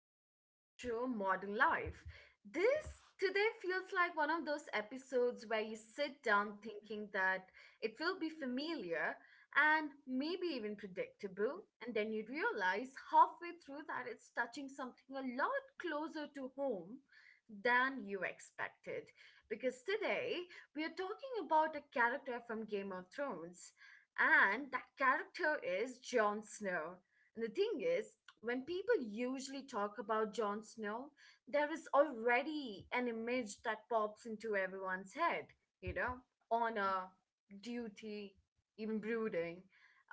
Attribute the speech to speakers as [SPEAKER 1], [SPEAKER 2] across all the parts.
[SPEAKER 1] back to our show, Modern Life. This today feels like one of those episodes where you sit down thinking that it will be familiar and maybe even predictable, and then you realize halfway through that it's touching something a lot closer to home than you expected. Because today we are talking about a character from Game of Thrones, and that character is Jon Snow. And the thing is, when people usually talk about Jon Snow, there is already an image that pops into everyone's head, you know, honor, duty, even brooding,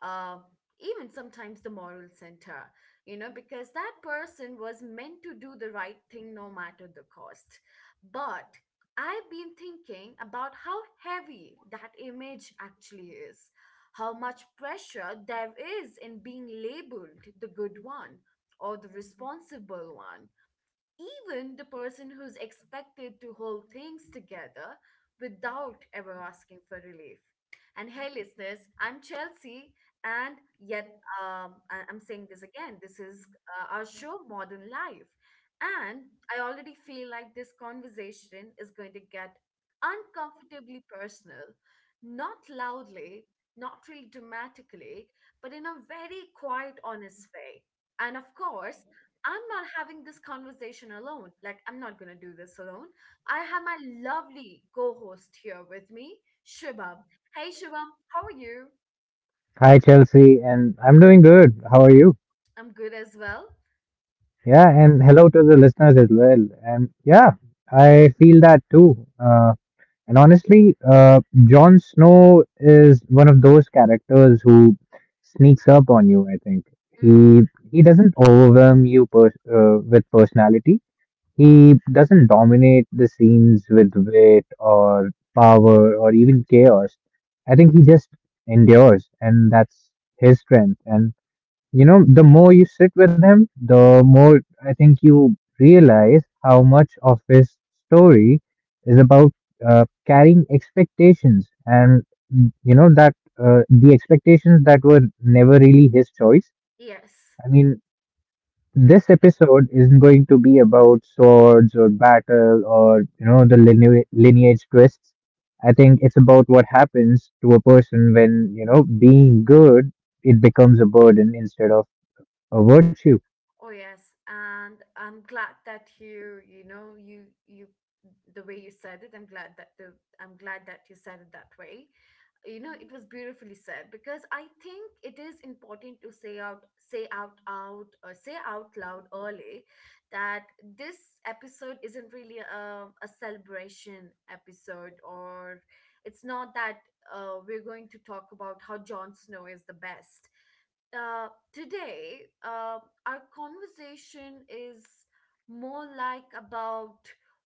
[SPEAKER 1] uh, even sometimes the moral center, you know, because that person was meant to do the right thing no matter the cost. But I've been thinking about how heavy that image actually is, how much pressure there is in being labeled the good one or the responsible one, even the person who's expected to hold things together without ever asking for relief. And hey, listeners, I'm Chelsea, and yet I'm saying this again. This is our show, Modern Life. And I already feel like this conversation is going to get uncomfortably personal, not loudly, not really dramatically, but in a very quiet, honest way. And of course, I'm not having this conversation alone. Like, I'm not going to do this alone. I have my lovely co host here with me, Shubham. Hey, Shubham, how are you?
[SPEAKER 2] Hi, Chelsea, and I'm doing good. How are you?
[SPEAKER 1] I'm good as well.
[SPEAKER 2] Yeah, and hello to the listeners as well. And yeah, I feel that too. And honestly, Jon Snow is one of those characters who sneaks up on you, I think.
[SPEAKER 1] Mm-hmm.
[SPEAKER 2] He he doesn't overwhelm you per with personality. He doesn't dominate the scenes with wit or power or even chaos. I think he just endures, and that's his strength. And you know, the more you sit with him, the
[SPEAKER 1] Hmm.
[SPEAKER 2] more I think you realize how much of his story is about carrying expectations and, mm, you know, that the expectations that were never really his choice.
[SPEAKER 1] Yes.
[SPEAKER 2] I mean, this episode isn't going to be about swords or battle or, you know, the lineage twists. I think it's about what happens to a person when, you know, being good, it becomes a burden instead of a virtue.
[SPEAKER 1] Oh yes, and I'm glad that you know you you the way you said it. I'm glad that you said it that way. You know, it was beautifully said because I think it is important to say out loud early that this episode isn't really a celebration episode, or it's not that we're going to talk about how Jon Snow is the best. uh, Today our conversation is more like about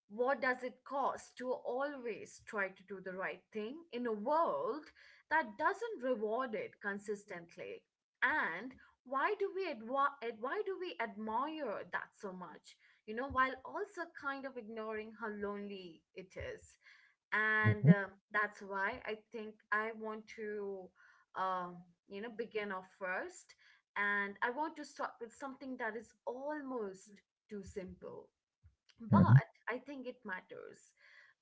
[SPEAKER 1] what does it cost to always try to do the right thing in a world that doesn't reward it consistently, and why do we admire that so much, you know, while also kind of ignoring how lonely it is. And
[SPEAKER 2] Mhm,
[SPEAKER 1] that's why I think I want to, um, you know, begin off first, and I want to start with something that is almost too simple,
[SPEAKER 2] mhm.
[SPEAKER 1] but I think it matters.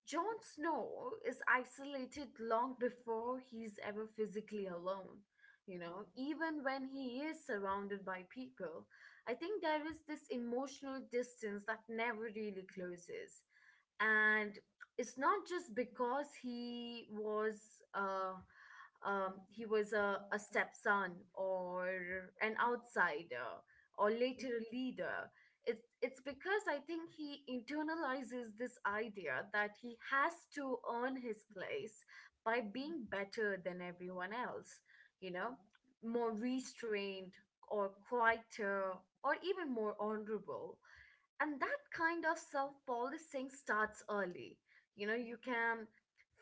[SPEAKER 1] Jon Snow is isolated long before he's ever physically alone. You know, even when he is surrounded by people, I think there is this emotional distance that never really closes, and it's not just because uh, he was a stepson or an outsider or later a leader. It's because I think he internalizes this idea that he has to earn his place by being better than everyone else. You know, more restrained or quieter or even more honorable, and that kind of self-policing starts early. You know, you can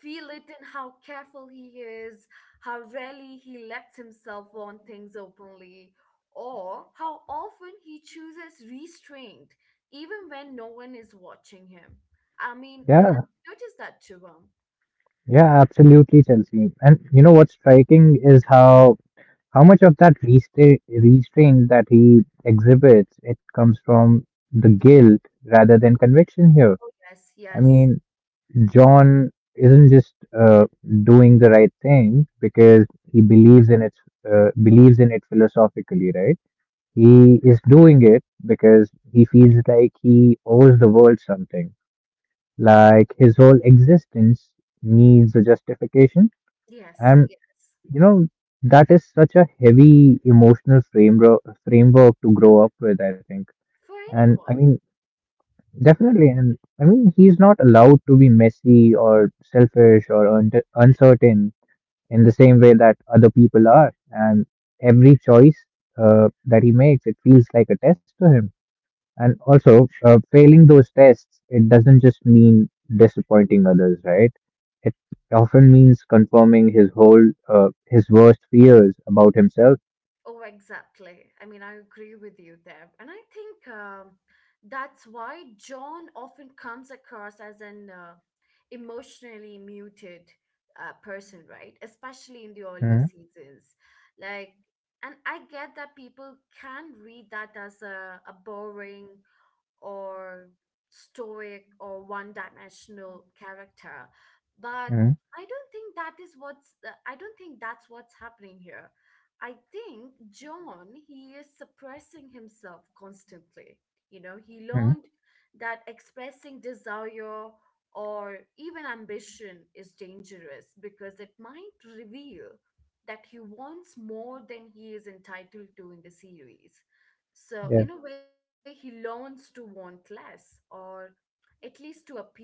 [SPEAKER 1] feel it in how careful he is, how rarely he lets himself want things openly, or how often he chooses restraint even when no one is watching him. i mean i
[SPEAKER 2] Yeah,
[SPEAKER 1] I noticed that too.
[SPEAKER 2] yeah, absolutely, Chelsea. And you know what's striking is how much of that restraint that he exhibits, it comes from the guilt rather than conviction here.
[SPEAKER 1] Oh yes,
[SPEAKER 2] I
[SPEAKER 1] yes,
[SPEAKER 2] mean, John isn't just uh, doing the right thing because he believes in it philosophically, right? He is doing it because he feels like he owes the world something. Like his whole existence needs a justification.
[SPEAKER 1] yes,
[SPEAKER 2] And,
[SPEAKER 1] yes.
[SPEAKER 2] you know, that is such a heavy emotional framework to grow up with, I think.
[SPEAKER 1] For
[SPEAKER 2] And I
[SPEAKER 1] anyone.
[SPEAKER 2] mean, definitely. And I mean, he's not allowed to be messy or selfish or uncertain in the same way that other people are. And every choice that he makes, it feels like a test to him. And also, failing those tests, it doesn't just mean disappointing others, right? It often means confirming his his worst fears about himself.
[SPEAKER 1] Oh, exactly. I mean, I agree with you there. And I think that's why John often comes across as an emotionally muted person, right? Especially in the earlier
[SPEAKER 2] Mm,
[SPEAKER 1] seasons. Like, and I get that people can read that as a boring or stoic or one dimensional character, but
[SPEAKER 2] mm,
[SPEAKER 1] I don't think that's what's happening here. I think John, he is suppressing himself constantly. You know, he
[SPEAKER 2] mm,
[SPEAKER 1] learned that expressing desire or even ambition is dangerous because it might reveal that he wants more than he is entitled to in the series. So, in
[SPEAKER 2] yeah.
[SPEAKER 1] a way, he learns to want less, or at least to appear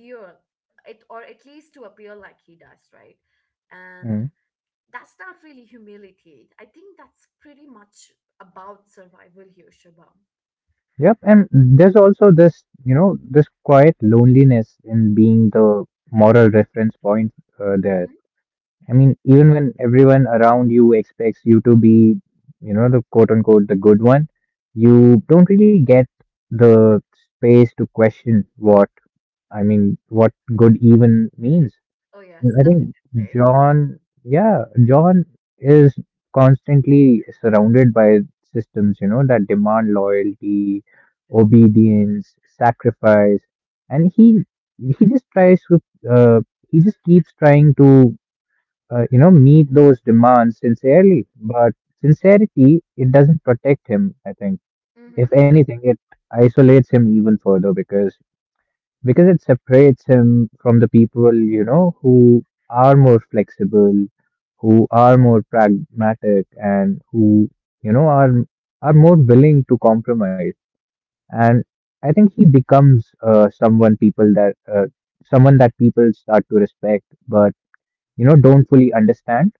[SPEAKER 1] it, or at least to appear like he does, right? And
[SPEAKER 2] Mm.
[SPEAKER 1] that's not really humility. I think that's pretty much about survival here, Shubham.
[SPEAKER 2] Yep. And there's also this, you know, this quiet loneliness in being the moral reference point there.
[SPEAKER 1] Hmm.
[SPEAKER 2] I mean, even when everyone around you expects you to be, you know, the quote unquote the good one, you don't really get the space to question what I mean, what good even means.
[SPEAKER 1] Oh
[SPEAKER 2] And
[SPEAKER 1] yes,
[SPEAKER 2] I think
[SPEAKER 1] definitely.
[SPEAKER 2] John is constantly surrounded by systems, you know, that demand loyalty, obedience, sacrifice, and he just tries to uh, he just keeps trying to you know, meet those demands sincerely. But sincerity, it doesn't protect him, I think. If
[SPEAKER 1] Mm-hmm.
[SPEAKER 2] anything, it isolates him even further because it separates him from the people, you know, who are more flexible, who are more pragmatic and who, you know, are more willing to compromise. And I think he becomes someone that people start to respect, but you know, don't fully understand,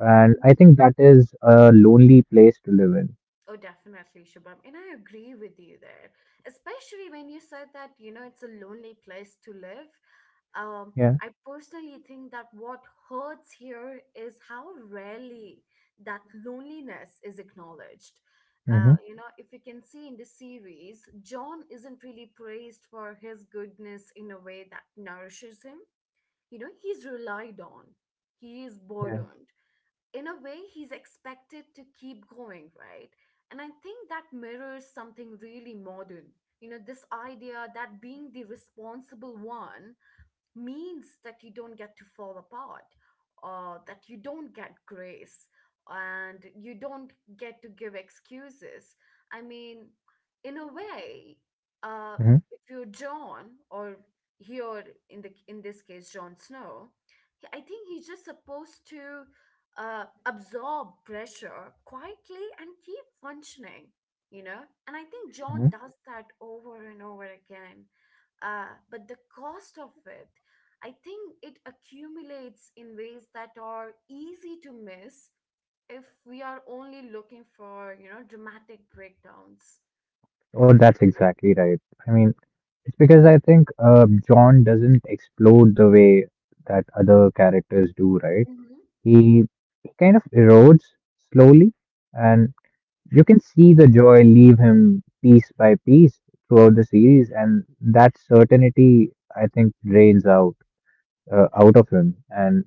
[SPEAKER 2] and
[SPEAKER 1] Mm-hmm.
[SPEAKER 2] I think that is a lonely place to live in.
[SPEAKER 1] Oh, definitely, Shubham. And I agree with you there, especially when you said that, you know, it's a lonely place to live. Um,
[SPEAKER 2] Yeah.
[SPEAKER 1] I personally think that what hurts here is how rarely that loneliness is acknowledged.
[SPEAKER 2] Hmm.
[SPEAKER 1] You know, if you can see in the series, John isn't really praised for his goodness in a way that nourishes him. You know, he's relied on, he is
[SPEAKER 2] Yeah.
[SPEAKER 1] burdened, in a way he's expected to keep going, right? And I think that mirrors something really modern. You know, this idea that being the responsible one means that you don't get to fall apart, that you don't get grace, and you don't get to give excuses. I mean, in a way, uh,
[SPEAKER 2] Hmm.
[SPEAKER 1] if you're John, or here in the in this case Jon Snow, I think he's just supposed to absorb pressure quietly and keep functioning, you know. And I think
[SPEAKER 2] Hmm.
[SPEAKER 1] John does that over and over again. But the cost of it, I think it accumulates in ways that are easy to miss if we are only looking for, you know, dramatic breakdowns.
[SPEAKER 2] Oh, that's exactly right. I mean, it's because I think John doesn't explode the way that other characters do, right?
[SPEAKER 1] Mm-hmm.
[SPEAKER 2] He, he kind of erodes slowly, and you can see the joy leave him piece by piece throughout the series, and that certainty, I think, drains out of him, and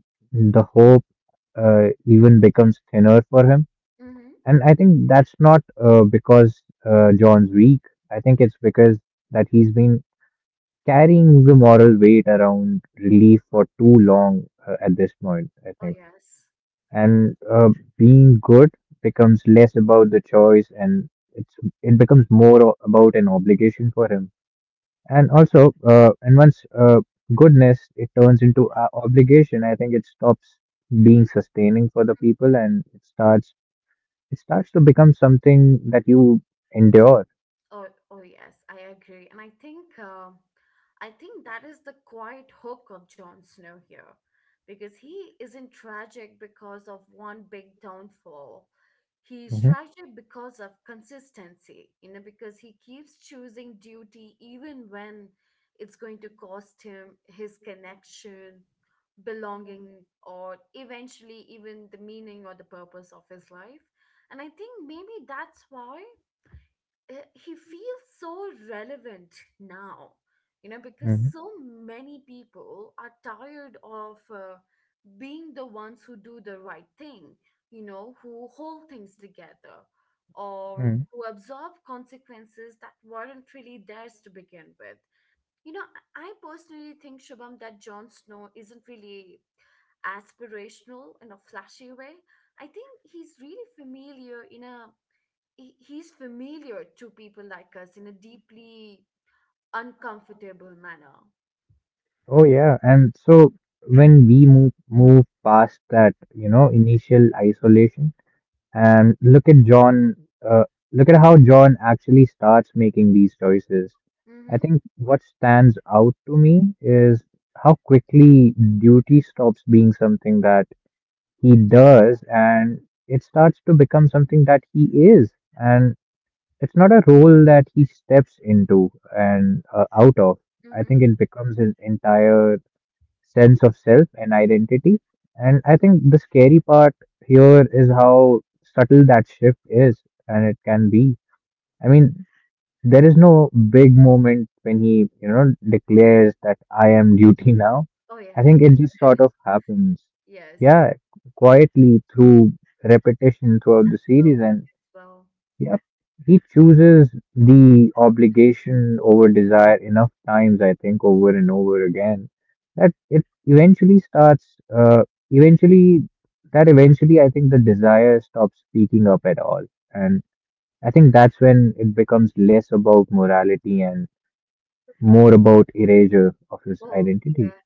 [SPEAKER 2] the hope even becomes thinner for him.
[SPEAKER 1] Mm-hmm.
[SPEAKER 2] And I think that's not because John's weak. I think it's because that he's been carrying the moral weight around relief for too long at this point, I
[SPEAKER 1] Oh,
[SPEAKER 2] think.
[SPEAKER 1] yes.
[SPEAKER 2] And being good becomes less about the choice, and it becomes more about an obligation for him. And also, and once goodness it turns into a obligation, I think it stops being sustaining for the people, and it starts to become something that you endure.
[SPEAKER 1] Oh, oh yes, I agree, and I think that is the quiet hook of Jon Snow here, because he isn't tragic because of one big downfall. He's
[SPEAKER 2] Hmm.
[SPEAKER 1] tragic because of consistency, you know, because he keeps choosing duty even when it's going to cost him his connection, belonging, or eventually even the meaning or the purpose of his life. And I think maybe that's why he feels so relevant now, you know, because
[SPEAKER 2] Hmm.
[SPEAKER 1] so many people are tired of being the ones who do the right thing, you know, who hold things together or
[SPEAKER 2] Hmm.
[SPEAKER 1] who absorb consequences that weren't really theirs to begin with. You know, I personally think, Shubham, that Jon Snow isn't really aspirational in a flashy way. I think he's really familiar in a he's familiar to people like us in a deeply uncomfortable manner.
[SPEAKER 2] Oh yeah, and so when we move past that, you know, initial isolation and look at uh, look at how John actually starts making these choices. I
[SPEAKER 1] Mm-hmm.
[SPEAKER 2] think what stands out to me is how quickly duty stops being something that he does and it starts to become something that he is. And it's not a role that he steps into and out of. I
[SPEAKER 1] Mm-hmm.
[SPEAKER 2] think it becomes his entire sense of self and identity. And I think the scary part here is how subtle that shift is and it can be. I mean, there is no big moment when he, you know, declares that I am duty now.
[SPEAKER 1] Oh yeah.
[SPEAKER 2] I think
[SPEAKER 1] Yeah.
[SPEAKER 2] it just sort of happens.
[SPEAKER 1] Yes.
[SPEAKER 2] Yeah, quietly through repetition throughout the series.
[SPEAKER 1] Absolutely
[SPEAKER 2] And
[SPEAKER 1] as well.
[SPEAKER 2] yep, he chooses the obligation over desire enough times, I think, over and over again, that it eventually starts, eventually, that eventually, I think the desire stops speaking up at all. And I think that's when it becomes less about morality and more about erasure of his
[SPEAKER 1] Oh
[SPEAKER 2] identity.
[SPEAKER 1] yeah.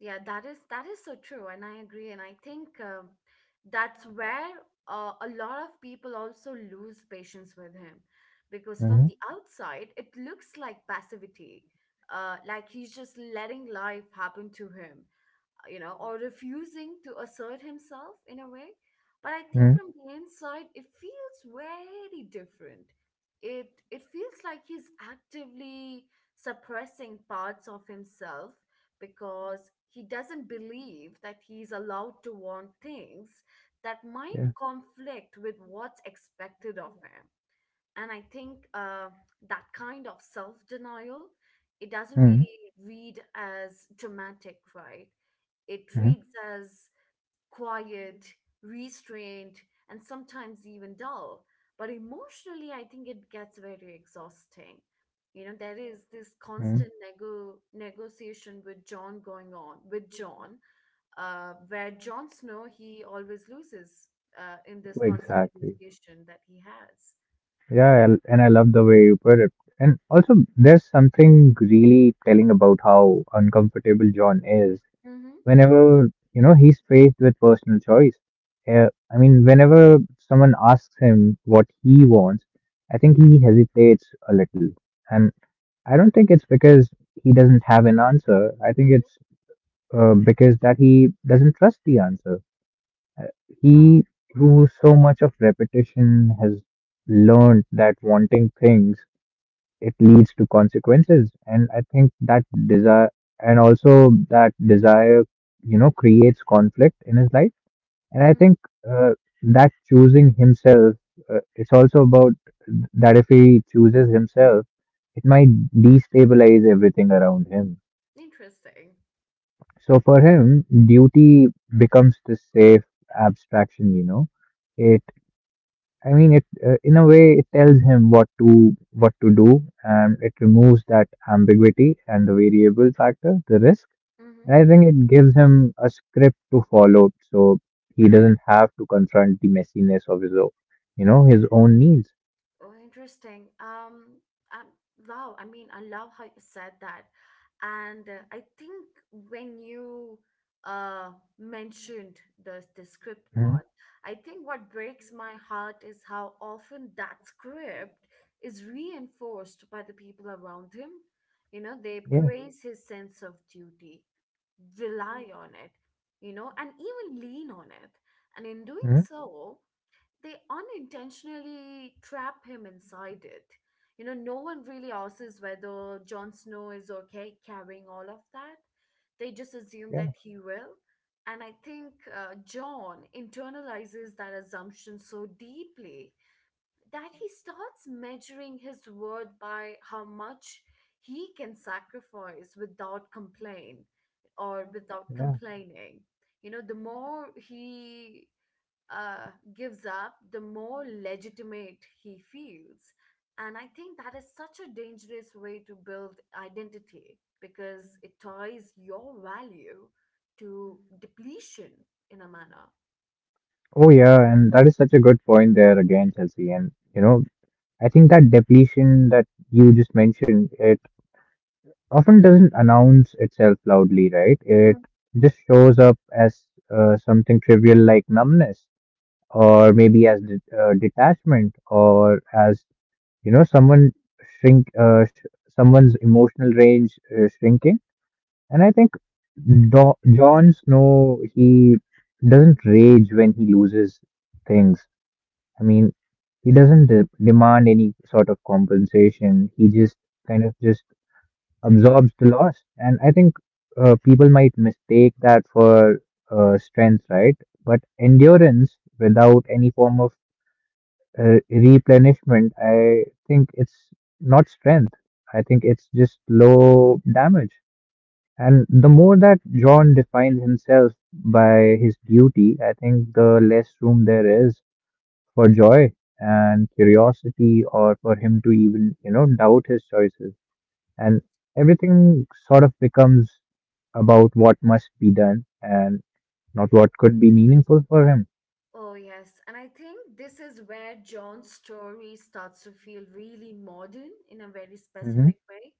[SPEAKER 1] Yeah, that is so true, and I agree. And I think that's where a lot of people also lose patience with him, because from
[SPEAKER 2] Mm-hmm.
[SPEAKER 1] the outside it looks like passivity, like he's just letting life happen to him. You know, or refusing to assert himself in a way. But I think
[SPEAKER 2] Mm-hmm.
[SPEAKER 1] from the inside, it feels very different. It feels like he's actively suppressing parts of himself because he doesn't believe that he's allowed to want things that might
[SPEAKER 2] Yeah.
[SPEAKER 1] conflict with what's expected of him. And I think that kind of self-denial, it doesn't
[SPEAKER 2] Mm-hmm.
[SPEAKER 1] really read as dramatic, right? It
[SPEAKER 2] Mm-hmm.
[SPEAKER 1] reads as quiet, restrained, and sometimes even dull, but emotionally I think it gets very exhausting. You know, there is this
[SPEAKER 2] Mm-hmm.
[SPEAKER 1] constant negotiation with John going on with John, where Jon Snow he always loses in this constant
[SPEAKER 2] Exactly.
[SPEAKER 1] negotiation that he has.
[SPEAKER 2] Yeah, and I love the way you put it. And also, there's something really telling about how uncomfortable John is
[SPEAKER 1] Mm-hmm.
[SPEAKER 2] whenever, you know, he's faced with personal choice. Uh, I mean, whenever someone asks him what he wants, I think he hesitates a little. And I don't think it's because he doesn't have an answer. I think it's because that he doesn't trust the answer. Uh,
[SPEAKER 1] Wow.
[SPEAKER 2] He, through so much of repetition, has learned that wanting things it leads to consequences, and I think that desire, you know, creates conflict in his life. And I
[SPEAKER 1] Mm,
[SPEAKER 2] think uh, that choosing himself it's also about that if he chooses himself it might destabilize everything around him.
[SPEAKER 1] interesting.
[SPEAKER 2] So for him duty becomes this safe abstraction, you know. It I mean, it In a way it tells him what to do, and it removes that ambiguity and the variable factor, the risk.
[SPEAKER 1] Mm-hmm.
[SPEAKER 2] And I think it gives him a script to follow, so he doesn't have to confront the messiness of you know, his own needs.
[SPEAKER 1] Oh, interesting. Um, wow. I mean, I love how you said that. And I think when you uh mentioned the script
[SPEAKER 2] Mhm.
[SPEAKER 1] part, I think what breaks my heart is how often that script is reinforced by the people around him. You know, they
[SPEAKER 2] Yeah,
[SPEAKER 1] praise his sense of duty, rely on it, you know, and even lean on it. And in doing
[SPEAKER 2] hmm,
[SPEAKER 1] so, they unintentionally trap him inside it. You know, no one really asks whether Jon Snow is okay carrying all of that. They just assume
[SPEAKER 2] yeah,
[SPEAKER 1] that he will. And I think John internalizes that assumption so deeply that he starts measuring his worth by how much he can sacrifice without complaint or without
[SPEAKER 2] yeah.
[SPEAKER 1] complaining. You know, the more he gives up, the more legitimate he feels. And I think that is such a dangerous way to build identity because it ties your value to depletion in a manner.
[SPEAKER 2] Oh yeah, and that is such a good point there again, Chelsea. And you know, I think that depletion that you just mentioned, it often doesn't announce itself loudly, right? It just shows up as something trivial like numbness, or maybe as detachment, or as you know, shrink, uh, sh- someone's emotional range shrinking. And I think Jon Snow he doesn't rage when he loses things. I mean, he doesn't demand any sort of compensation. He just just absorbs the loss. And I think people might mistake that for strength, right? But endurance without any form of replenishment, I think it's not strength. I think it's just low damage. And the more that John defines himself by his duty, I think the less room there is for joy and curiosity or for him to even, you know, doubt his choices, and everything sort of becomes about what must be done and not what could be meaningful for him.
[SPEAKER 1] Oh, yes. And I think this is where John's story starts to feel really modern in a very
[SPEAKER 2] Hmm.
[SPEAKER 1] specific way,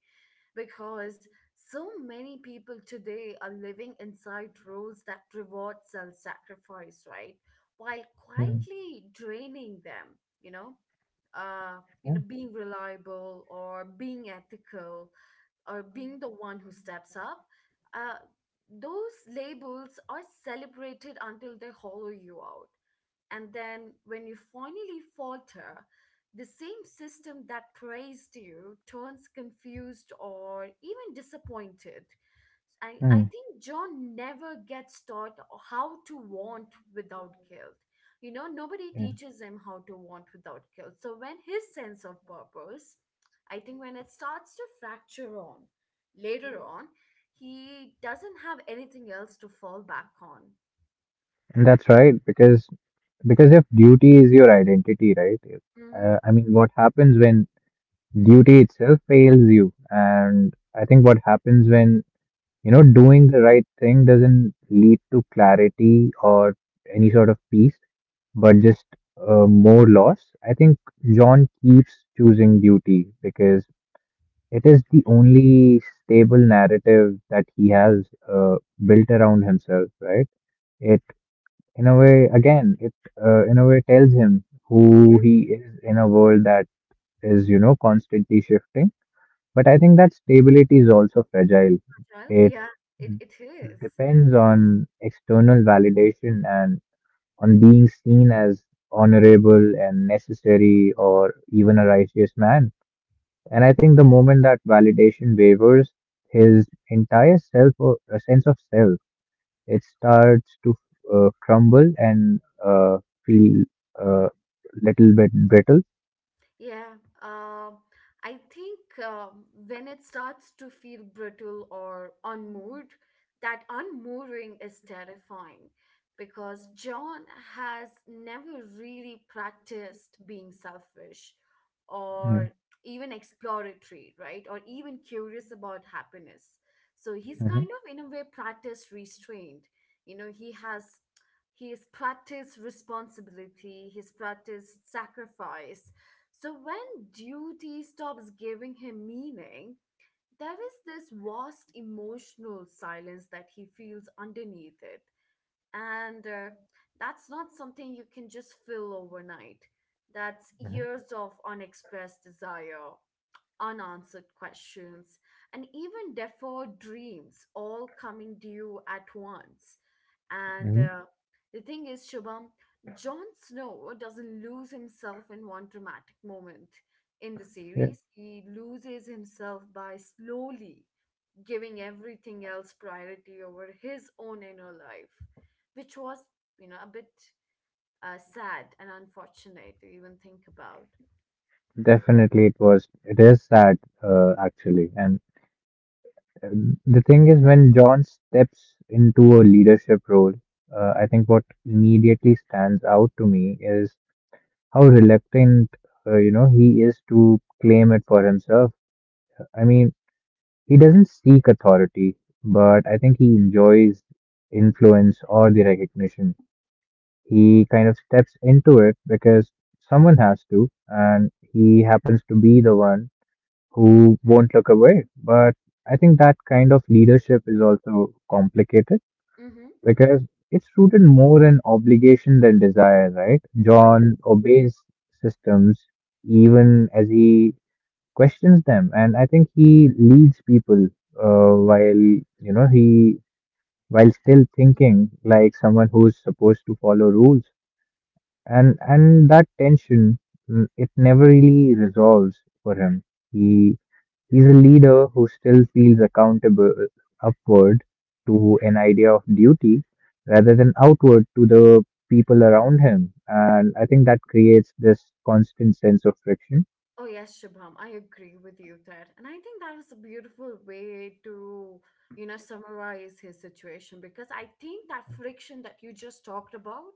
[SPEAKER 1] because so many people today are living inside roles that reward self sacrifice, right? While
[SPEAKER 2] Hmm.
[SPEAKER 1] quietly draining them, you know, you
[SPEAKER 2] Yeah.
[SPEAKER 1] know, being reliable or being ethical or being the one who steps up. Uh, those labels are celebrated until they hollow you out, and then when you finally falter, the same system that praised you turns confused or even disappointed. I
[SPEAKER 2] Hmm.
[SPEAKER 1] think John never gets taught how to want without guilt. You know, nobody
[SPEAKER 2] Yeah.
[SPEAKER 1] teaches him how to want without guilt. So when his sense of purpose, I think when it starts to fracture on later on, he doesn't have anything else to fall back on.
[SPEAKER 2] And that's right, because if duty is your identity, right?
[SPEAKER 1] Mm-hmm.
[SPEAKER 2] I mean, what happens when duty itself fails you? And I think what happens when you know doing the right thing doesn't lead to clarity or any sort of peace, but just more loss. I think John keeps choosing duty because it is the only stable narrative that he has uh, built around himself, right? It, in a way, again, it, In a way, tells him who he is in a world that is, you know, constantly shifting. But I think that stability is also fragile.
[SPEAKER 1] Well,
[SPEAKER 2] It
[SPEAKER 1] yeah, it is.
[SPEAKER 2] depends on external validation and on being seen as honorable and necessary or even a righteous man. And I think the moment that validation wavers, his entire self or a sense of self, it starts to crumble and uh, feel a little bit brittle.
[SPEAKER 1] Yeah, um, I think when it starts to feel brittle or unmoored, that unmooring is terrifying because John has never really practiced being selfish
[SPEAKER 2] Mm-hmm.
[SPEAKER 1] or even exploratory, right? Or even curious about happiness. So he's
[SPEAKER 2] Hmm.
[SPEAKER 1] kind of, in a way, practiced restraint. You know, he has. He's practiced responsibility, he's practiced sacrifice, so when duty stops giving him meaning, there is this vast emotional silence that he feels underneath it. And That's not something you can just fill overnight. That's years of unexpressed desire, unanswered questions, and even deferred dreams all coming due at once. And
[SPEAKER 2] Hmm.
[SPEAKER 1] The thing is, Shubham, Jon Snow doesn't lose himself in one dramatic moment in the
[SPEAKER 2] Yeah,
[SPEAKER 1] series. He loses himself by slowly giving everything else priority over his own inner life, which was, you know, a bit sad and unfortunate to even think about.
[SPEAKER 2] definitely, it was. It is sad, actually. And the thing is when John steps into a leadership role, I think what immediately stands out to me is how reluctant you know he is to claim it for himself. I mean, he doesn't seek authority, but I think he enjoys influence or the recognition. He kind of steps into it because someone has to, and he happens to be the one who won't look away. But I think that kind of leadership is also complicated
[SPEAKER 1] Mm-hmm.
[SPEAKER 2] because it's rooted more in obligation than desire, right? John obeys systems even as he questions them, and I think he leads people while you know he while still thinking like someone who's supposed to follow rules, and that tension it never really resolves for him. He He's a leader who still feels accountable upward to an idea of duty rather than outward to the people around him. And I think that creates this constant sense of friction.
[SPEAKER 1] Oh yes, Shubham, I agree with you there. And I think that was a beautiful way to, you know, summarize his situation because I think that friction that you just talked about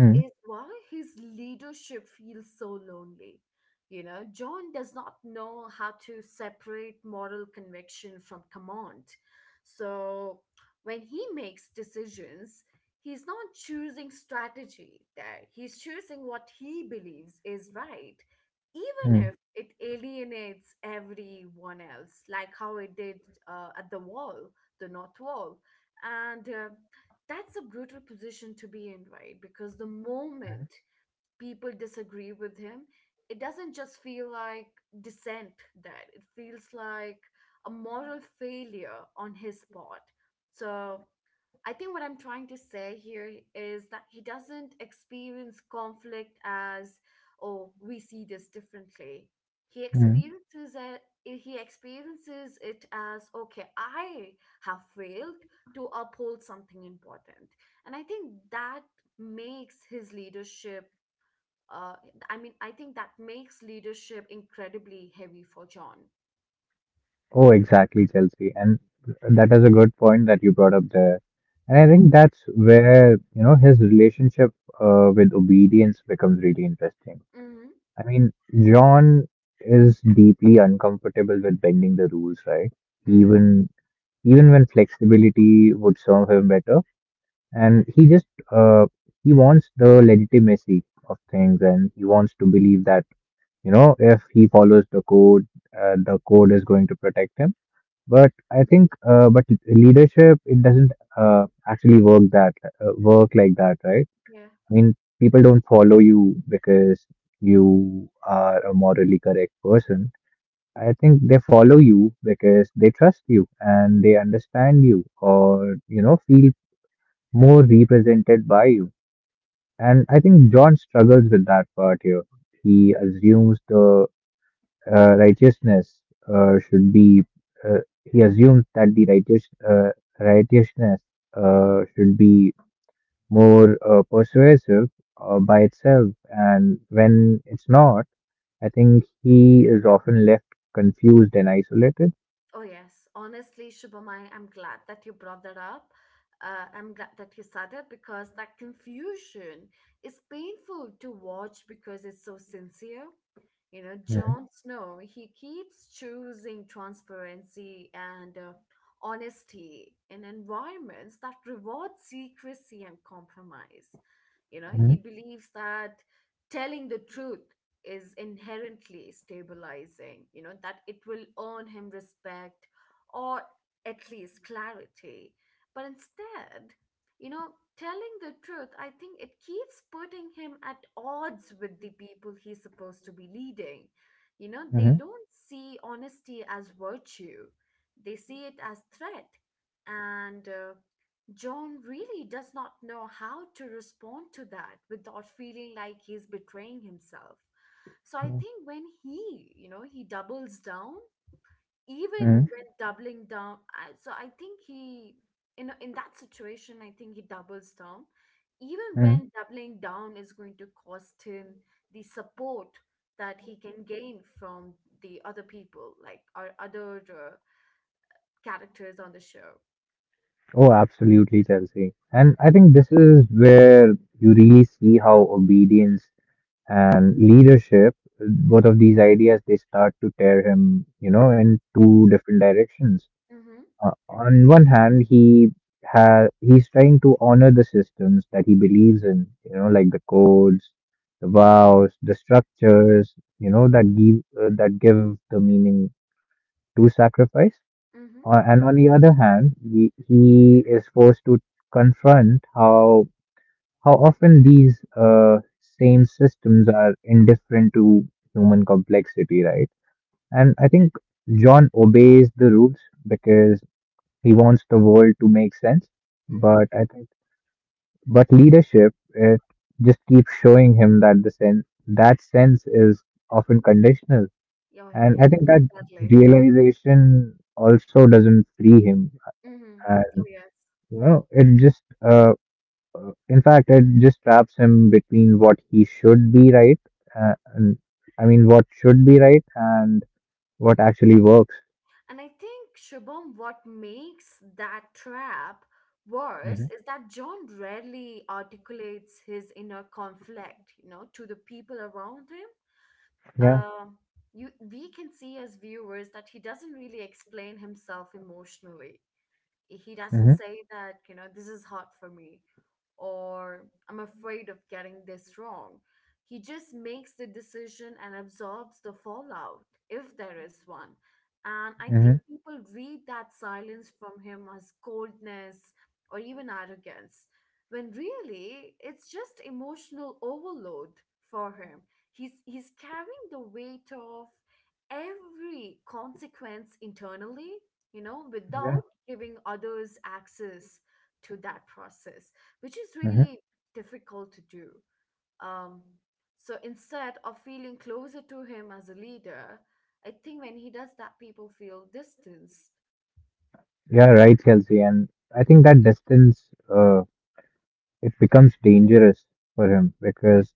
[SPEAKER 2] Hmm,
[SPEAKER 1] is why his leadership feels so lonely. You know, John does not know how to separate moral conviction from command. So when he makes decisions, he's not choosing strategy there. He's choosing what he believes is right, even
[SPEAKER 2] hmm,
[SPEAKER 1] if it alienates everyone else, like how it did at the wall, the North Wall. And That's a brutal position to be in, right? Because the
[SPEAKER 2] hmm.
[SPEAKER 1] moment people disagree with him, it doesn't just feel like dissent that it feels like a moral failure on his part. So I think what I'm trying to say here is that he doesn't experience conflict as, oh, we see this differently.
[SPEAKER 2] Hmm.
[SPEAKER 1] He experiences it as, okay, I have failed to uphold something important, and I think that makes his leadership. Uh, I mean, I think that makes leadership incredibly heavy for John.
[SPEAKER 2] Oh, exactly, Chelsea. And that is a good point that you brought up there. And I think that's where, you know, his relationship with obedience becomes really interesting.
[SPEAKER 1] Mm-hmm.
[SPEAKER 2] I mean, John is deeply uncomfortable with bending the rules, right?
[SPEAKER 1] Mm,
[SPEAKER 2] Even even when flexibility would serve him better, and he just uh, he wants the legitimacy of things, and he wants to believe that, you know, if he follows the code is going to protect him. But I think, but leadership, it doesn't actually work that work like that, right?
[SPEAKER 1] yeah.
[SPEAKER 2] I mean, people don't follow you because you are a morally correct person. I think they follow you because they trust you and they understand you or, you know, feel more represented by you. And I think John struggles with that part here. He assumes the righteousness uh, should be, uh, he assumes that the righteousness should be more persuasive by itself. And when it's not, I think he is often left confused and isolated.
[SPEAKER 1] Oh, yes. Honestly, Shubhamai, I'm glad that you brought that up. I'm glad that you said it because that confusion is painful to watch because it's so sincere. You know, Jon Snow, he keeps choosing transparency and honesty in environments that reward secrecy and compromise. You know, he
[SPEAKER 2] Mm-hmm.
[SPEAKER 1] believes that telling the truth is inherently stabilizing, you know, that it will earn him respect or at least clarity. But instead, you know, telling the truth, I think it keeps putting him at odds with the people he's supposed to be leading. You know, they
[SPEAKER 2] hmm
[SPEAKER 1] don't see honesty as virtue, they see it as threat. And John really does not know how to respond to that without feeling like he's betraying himself. So I think when he, you know, he doubles down, even
[SPEAKER 2] hmm
[SPEAKER 1] when doubling down, I, so I think he, you know, in that situation, I think he doubles down, even
[SPEAKER 2] hmm
[SPEAKER 1] when doubling down is going to cost him the support that he can gain from the other people, like our other characters on the show.
[SPEAKER 2] Oh, absolutely, Chelsea. And I think this is where you really see how obedience and leadership, both of these ideas, they start to tear him, you know, in two different directions.
[SPEAKER 1] Mm-hmm.
[SPEAKER 2] On one hand, he's trying to honor the systems that he believes in, you know, like the codes, the vows, the structures, you know, that give the meaning to sacrifice.
[SPEAKER 1] Mm-hmm.
[SPEAKER 2] And on the other hand, he is forced to confront how often these same systems are indifferent to human complexity, right? And I think John obeys the rules because he wants the world to make sense,
[SPEAKER 1] Mm-hmm.
[SPEAKER 2] but I think, but leadership, it just keeps showing him that the sense that sense is often conditional,
[SPEAKER 1] You're
[SPEAKER 2] and I
[SPEAKER 1] here.
[SPEAKER 2] think that
[SPEAKER 1] Sadly.
[SPEAKER 2] realization also doesn't free him.
[SPEAKER 1] Mm-hmm.
[SPEAKER 2] Uh,
[SPEAKER 1] Oh yes.
[SPEAKER 2] you know, it just in fact, it just traps him between what he should be right, and I mean, what should be right and what actually works.
[SPEAKER 1] And I think Shubham, what makes that trap worse
[SPEAKER 2] Hmm
[SPEAKER 1] is that John rarely articulates his inner conflict, you know, to the people around him.
[SPEAKER 2] Yeah.
[SPEAKER 1] uh, you we can see as viewers that he doesn't really explain himself emotionally. He doesn't
[SPEAKER 2] Mm-hmm.
[SPEAKER 1] say that, you know, this is hard for me, or I'm afraid of getting this wrong. He just makes the decision and absorbs the fallout, if there is one. And I
[SPEAKER 2] Mm-hmm.
[SPEAKER 1] think people read that silence from him as coldness or even arrogance, when really it's just emotional overload for him. He's carrying the weight of every consequence internally, you know,
[SPEAKER 2] Yeah.
[SPEAKER 1] without giving others access to that process, which is really
[SPEAKER 2] hmm
[SPEAKER 1] difficult to do. Um, so instead of feeling closer to him as a leader, I think when he does that, people feel distanced.
[SPEAKER 2] Yeah, right, Kelsey. And I think that distance, uh, it becomes dangerous for him because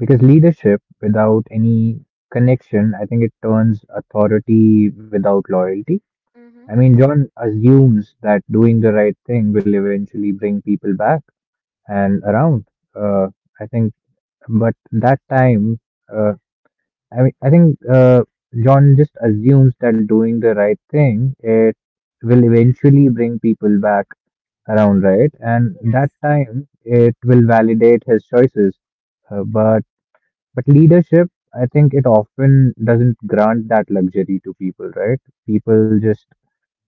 [SPEAKER 2] leadership without any connection, I think it turns authority without loyalty.
[SPEAKER 1] Mm-hmm.
[SPEAKER 2] I mean, John assumes that doing the right thing will eventually bring people back and around. Uh, I think, but that time, uh, I mean, I think John just assumes that doing the right thing, it will eventually bring people back around, right? And
[SPEAKER 1] Yes.
[SPEAKER 2] that time, it will validate his choices. But but leadership, I think it often doesn't grant that luxury to people, right? People just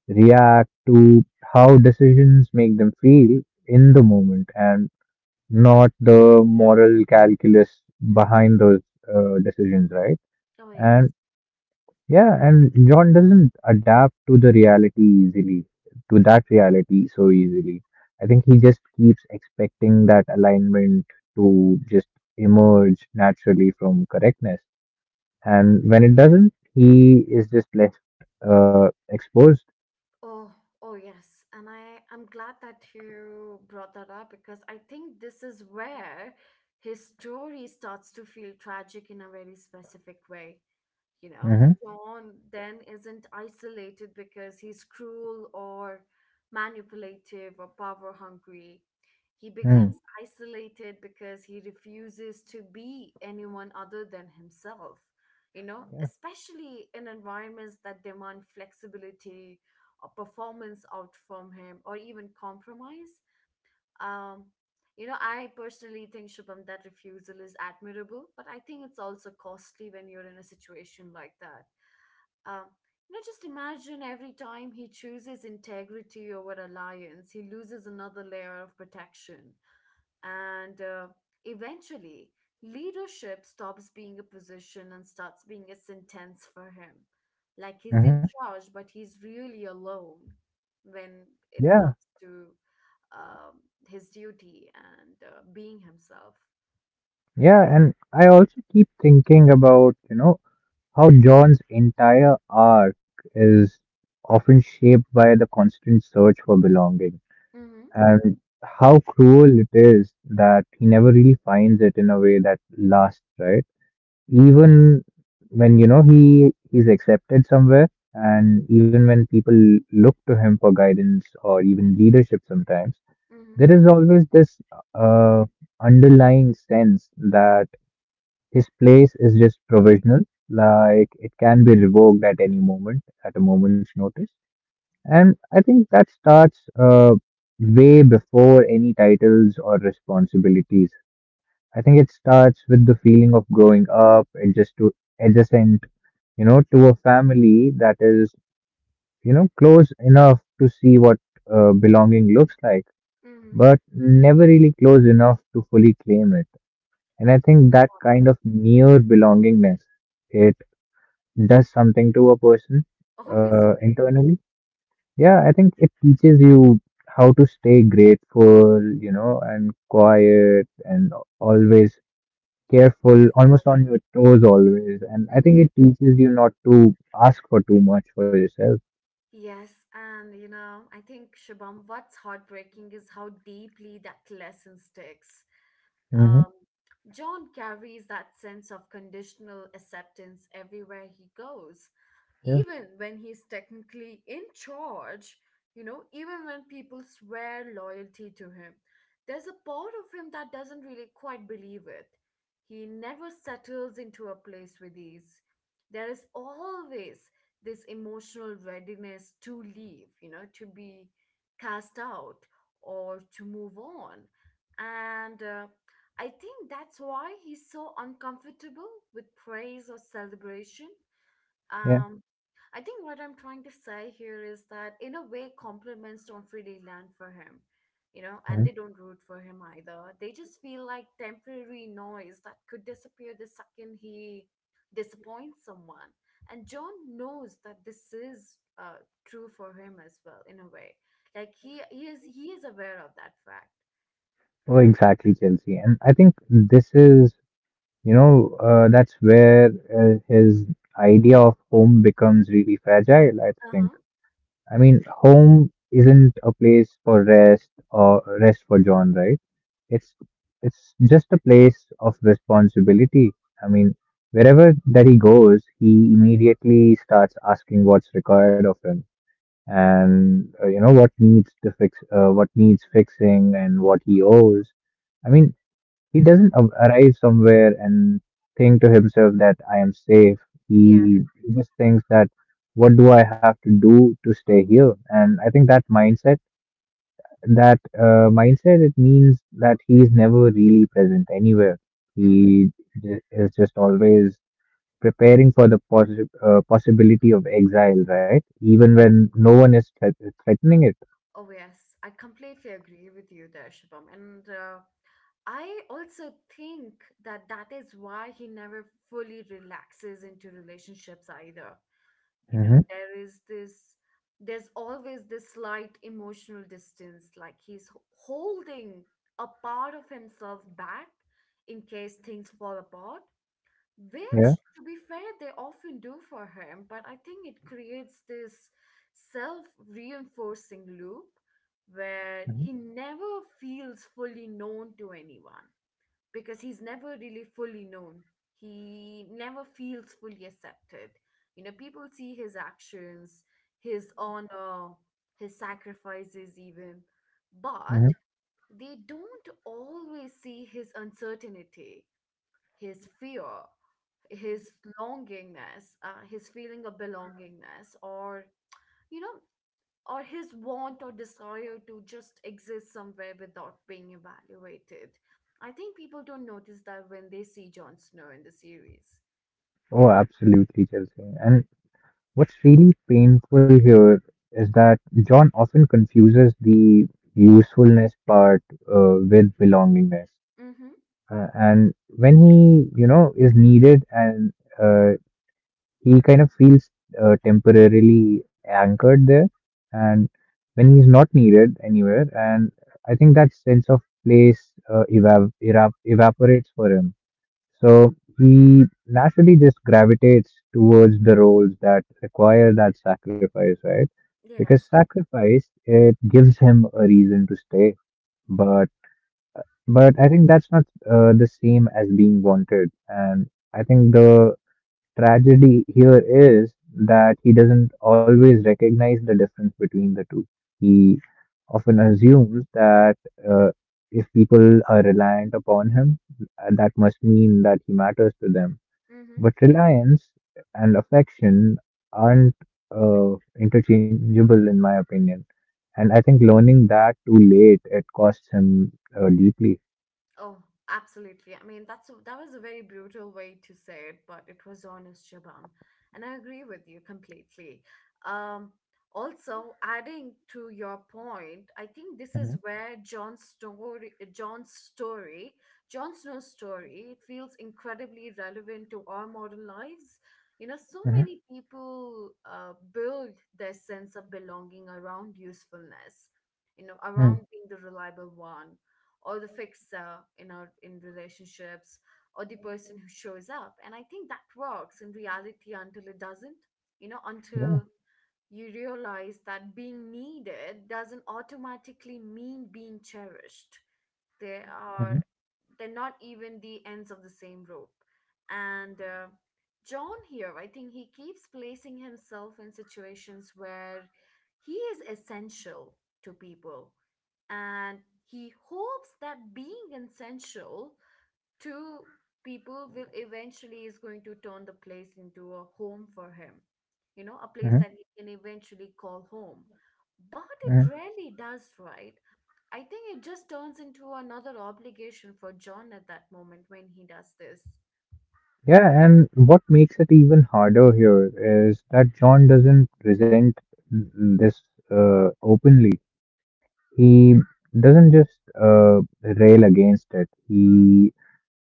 [SPEAKER 2] react to how decisions make them feel in the moment and not the moral calculus behind those decisions, right?
[SPEAKER 1] Oh,
[SPEAKER 2] And
[SPEAKER 1] yes.
[SPEAKER 2] yeah, and John doesn't adapt to the reality easily, to that reality so easily. I think he just keeps expecting that alignment to just emerge naturally from correctness. And when it doesn't, he is just left exposed.
[SPEAKER 1] Oh, oh, yes. And I'm glad that you brought that up because I think this is where his story starts to feel tragic in a very specific way. You know,
[SPEAKER 2] Hmm
[SPEAKER 1] John then isn't isolated because he's cruel or manipulative or power hungry. He
[SPEAKER 2] Mm.
[SPEAKER 1] becomes isolated because he refuses to be anyone other than himself. You know,
[SPEAKER 2] Yeah.
[SPEAKER 1] especially in environments that demand flexibility or performance out from him or even compromise. Um, you know, I personally think, Shubham, that refusal is admirable, but I think it's also costly when you're in a situation like that. Um, you know, just imagine every time he chooses integrity over alliance, he loses another layer of protection. And Eventually, leadership stops being a position and starts being a sentence for him. Like he's
[SPEAKER 2] hmm
[SPEAKER 1] in charge, but he's really alone when it
[SPEAKER 2] Yeah.
[SPEAKER 1] comes to um, his duty and being himself.
[SPEAKER 2] Yeah. And I also keep thinking about, you know, how John's entire arc is often shaped by the constant search for belonging.
[SPEAKER 1] Mm-hmm,
[SPEAKER 2] And how cruel it is that he never really finds it in a way that lasts, right? Even when, you know, he's accepted somewhere, and even when people look to him for guidance or even leadership sometimes,
[SPEAKER 1] mm-hmm,
[SPEAKER 2] there is always this uh, underlying sense that his place is just provisional, like it can be revoked at any moment, at a moment's notice. And I think that starts way before any titles or responsibilities. I think it starts with the feeling of growing up, adjust to adjacent, you know, to a family that is, you know, close enough to see what belonging looks like,
[SPEAKER 1] mm-hmm.
[SPEAKER 2] but never really close enough to fully claim it. And I think that kind of near belongingness, it does something to a person
[SPEAKER 1] Obviously.
[SPEAKER 2] internally. Yeah, I think it teaches you how to stay grateful, you know, and quiet and always careful, almost on your toes always. And I think
[SPEAKER 1] Mm-hmm.
[SPEAKER 2] it teaches you not to ask for too much for yourself.
[SPEAKER 1] Yes, and you know, I think Shabam, what's heartbreaking is how deeply that lesson sticks.
[SPEAKER 2] Hmm
[SPEAKER 1] Um, John carries that sense of conditional acceptance everywhere he goes,
[SPEAKER 2] Yeah,
[SPEAKER 1] even when he's technically in charge, you know, even when people swear loyalty to him, there's a part of him that doesn't really quite believe it. He never settles into a place with ease. There is always this emotional readiness to leave, you know, to be cast out or to move on. And I think that's why he's so uncomfortable with praise or celebration.
[SPEAKER 2] yeah.
[SPEAKER 1] Um, I think what I'm trying to say here is that, in a way, compliments don't really land for him, you know, and
[SPEAKER 2] hmm
[SPEAKER 1] they don't root for him either. They just feel like temporary noise that could disappear the second he disappoints someone. And John knows that this is true for him as well, in a way. Like he is aware of that fact.
[SPEAKER 2] Oh, exactly, Chelsea. And I think this is, you know, that's where his idea of home becomes really fragile, I
[SPEAKER 1] Uh
[SPEAKER 2] think.
[SPEAKER 1] huh.
[SPEAKER 2] I mean, home isn't a place for rest or rest for John, right? It's it's just a place of responsibility. I mean, wherever that he goes, he immediately starts asking what's required of him and, you know, what needs to fixing, and what he owes. I mean, he doesn't a- arrive somewhere and think to himself that I am safe.
[SPEAKER 1] Yeah.
[SPEAKER 2] He just thinks that what do I have to do to stay here? And I think that mindset, it means that he's never really present anywhere.
[SPEAKER 1] Mm-hmm.
[SPEAKER 2] He is just always preparing for the possibility of exile, right? Even when no one is threatening it.
[SPEAKER 1] Oh yes, I completely agree with you there, Shubham. And I also think that that is why he never fully relaxes into relationships either. You know,
[SPEAKER 2] Hmm
[SPEAKER 1] there's always this slight emotional distance, like he's holding a part of himself back in case things fall apart, which,
[SPEAKER 2] Yeah.
[SPEAKER 1] to be fair, they often do for him. But I think it creates this self reinforcing loop where he
[SPEAKER 2] hmm
[SPEAKER 1] never feels fully known to anyone because he's never really fully known. He never feels fully accepted. You know, people see his actions, his honor, his sacrifices, even,
[SPEAKER 2] hmm
[SPEAKER 1] but they don't always see his uncertainty, his fear, his longingness, his feeling of belongingness, or, you know, or his want or desire to just exist somewhere without being evaluated. I think people don't notice that when they see Jon Snow in the series.
[SPEAKER 2] Oh, absolutely, Chelsea. And what's really painful here is that John often confuses the usefulness part with belongingness.
[SPEAKER 1] Mm-hmm.
[SPEAKER 2] And when he, you know, is needed, and uh, he kind of feels temporarily anchored there, and when he's not needed anywhere, and I think that sense of place evap- erap- evaporates for him. So he naturally just gravitates towards the roles that require that sacrifice, right? Because
[SPEAKER 1] Yes.
[SPEAKER 2] sacrifice, it gives him a reason to stay. But but I think that's not the same as being wanted. And I think the tragedy here is that he doesn't always recognize the difference between the two. He often assumes that uh, if people are reliant upon him, that must mean that he matters to them,
[SPEAKER 1] Mm-hmm.
[SPEAKER 2] but reliance and affection aren't uh, interchangeable, in my opinion. And I think learning that too late, it costs him deeply.
[SPEAKER 1] Oh, absolutely. I mean, that was a very brutal way to say it, but it was honest, Shabam, and I agree with you completely. Um, Also, adding to your point, I think this is
[SPEAKER 2] Mhm,
[SPEAKER 1] where John's, Jon Snow's story, it feels incredibly relevant to our modern lives. You know, so
[SPEAKER 2] mhm,
[SPEAKER 1] many people build their sense of belonging around usefulness, you know,
[SPEAKER 2] mm.
[SPEAKER 1] around being the reliable one or the fixer in our in relationships or the person who shows up. And I think that works in reality until it doesn't, you know,
[SPEAKER 2] Yeah.
[SPEAKER 1] until you realize that being needed doesn't automatically mean being cherished. they are
[SPEAKER 2] Mhm,
[SPEAKER 1] they're not even the ends of the same rope. And John here, I think he keeps placing himself in situations where he is essential to people, and he hopes that being essential to people will eventually is going to turn the place into a home for him, you know, a place
[SPEAKER 2] mhm,
[SPEAKER 1] that he can eventually call home. But
[SPEAKER 2] mhm.
[SPEAKER 1] it rarely does, right? I think it just turns into another obligation for John at that moment when he does this.
[SPEAKER 2] Yeah, and what makes it even harder here is that John doesn't resent this openly. He doesn't just rail against it. He,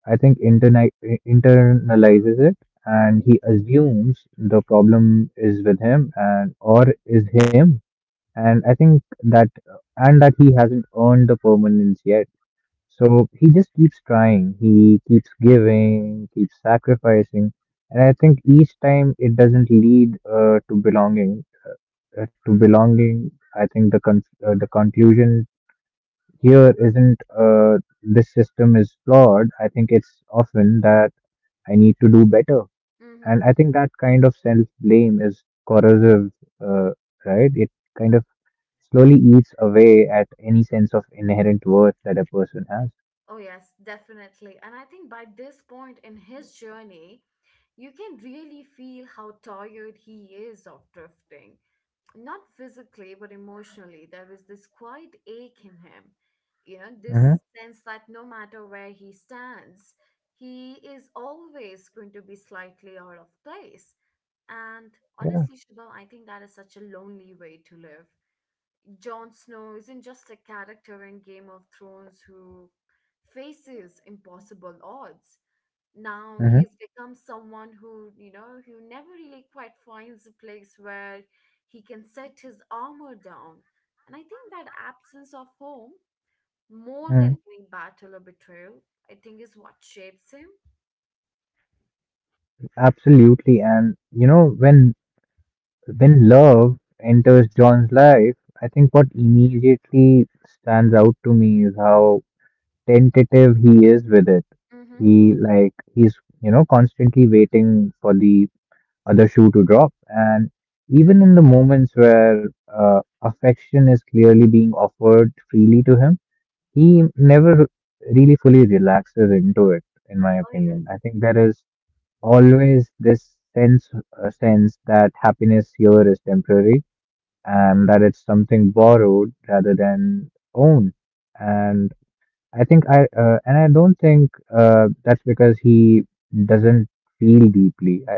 [SPEAKER 2] I think, internalizes it, and
[SPEAKER 1] Mm-hmm.
[SPEAKER 2] he assumes the problem is with him and or is him, and I think that and that he hasn't earned the permanence yet. So he just keeps trying. He keeps giving, keeps sacrificing, and I think each time it doesn't lead to belonging. I think the the conclusion here isn't this system is flawed. I think it's often that I need to do better.
[SPEAKER 1] Mm-hmm.
[SPEAKER 2] And I think that kind of self blame is corrosive, uh, right? It kind of slowly eats away at any sense of inherent worth that a person has.
[SPEAKER 1] Oh, yes, definitely. And I think by this point in his journey, you can really feel how tired he is of drifting. Not physically but emotionally. There was this quiet ache in him, you know, this
[SPEAKER 2] Hmm
[SPEAKER 1] sense that no matter where he stands, he is always going to be slightly out of place. And
[SPEAKER 2] Yeah.
[SPEAKER 1] honestly, Shubham, I think that is such a lonely way to live. Jon Snow isn't just a character in Game of Thrones who faces impossible odds. Now
[SPEAKER 2] hmm
[SPEAKER 1] he's become someone who, you know, who never really quite finds a place where he can set his armor down. And I think that absence of home, more
[SPEAKER 2] hmm
[SPEAKER 1] than any battle or betrayal, I think is what shapes him.
[SPEAKER 2] Absolutely. And you know, when love enters John's life, I think what immediately stands out to me is how tentative he is with it.
[SPEAKER 1] Mm-hmm.
[SPEAKER 2] He's, you know, constantly waiting for the other shoe to drop. And even in the moments where affection is clearly being offered freely to him, he never really fully relaxes into it, in my
[SPEAKER 1] Oh yes.
[SPEAKER 2] opinion. I think there is always this sense that happiness here is temporary and that it's something borrowed rather than owned. And I don't think that's because he doesn't feel deeply. I,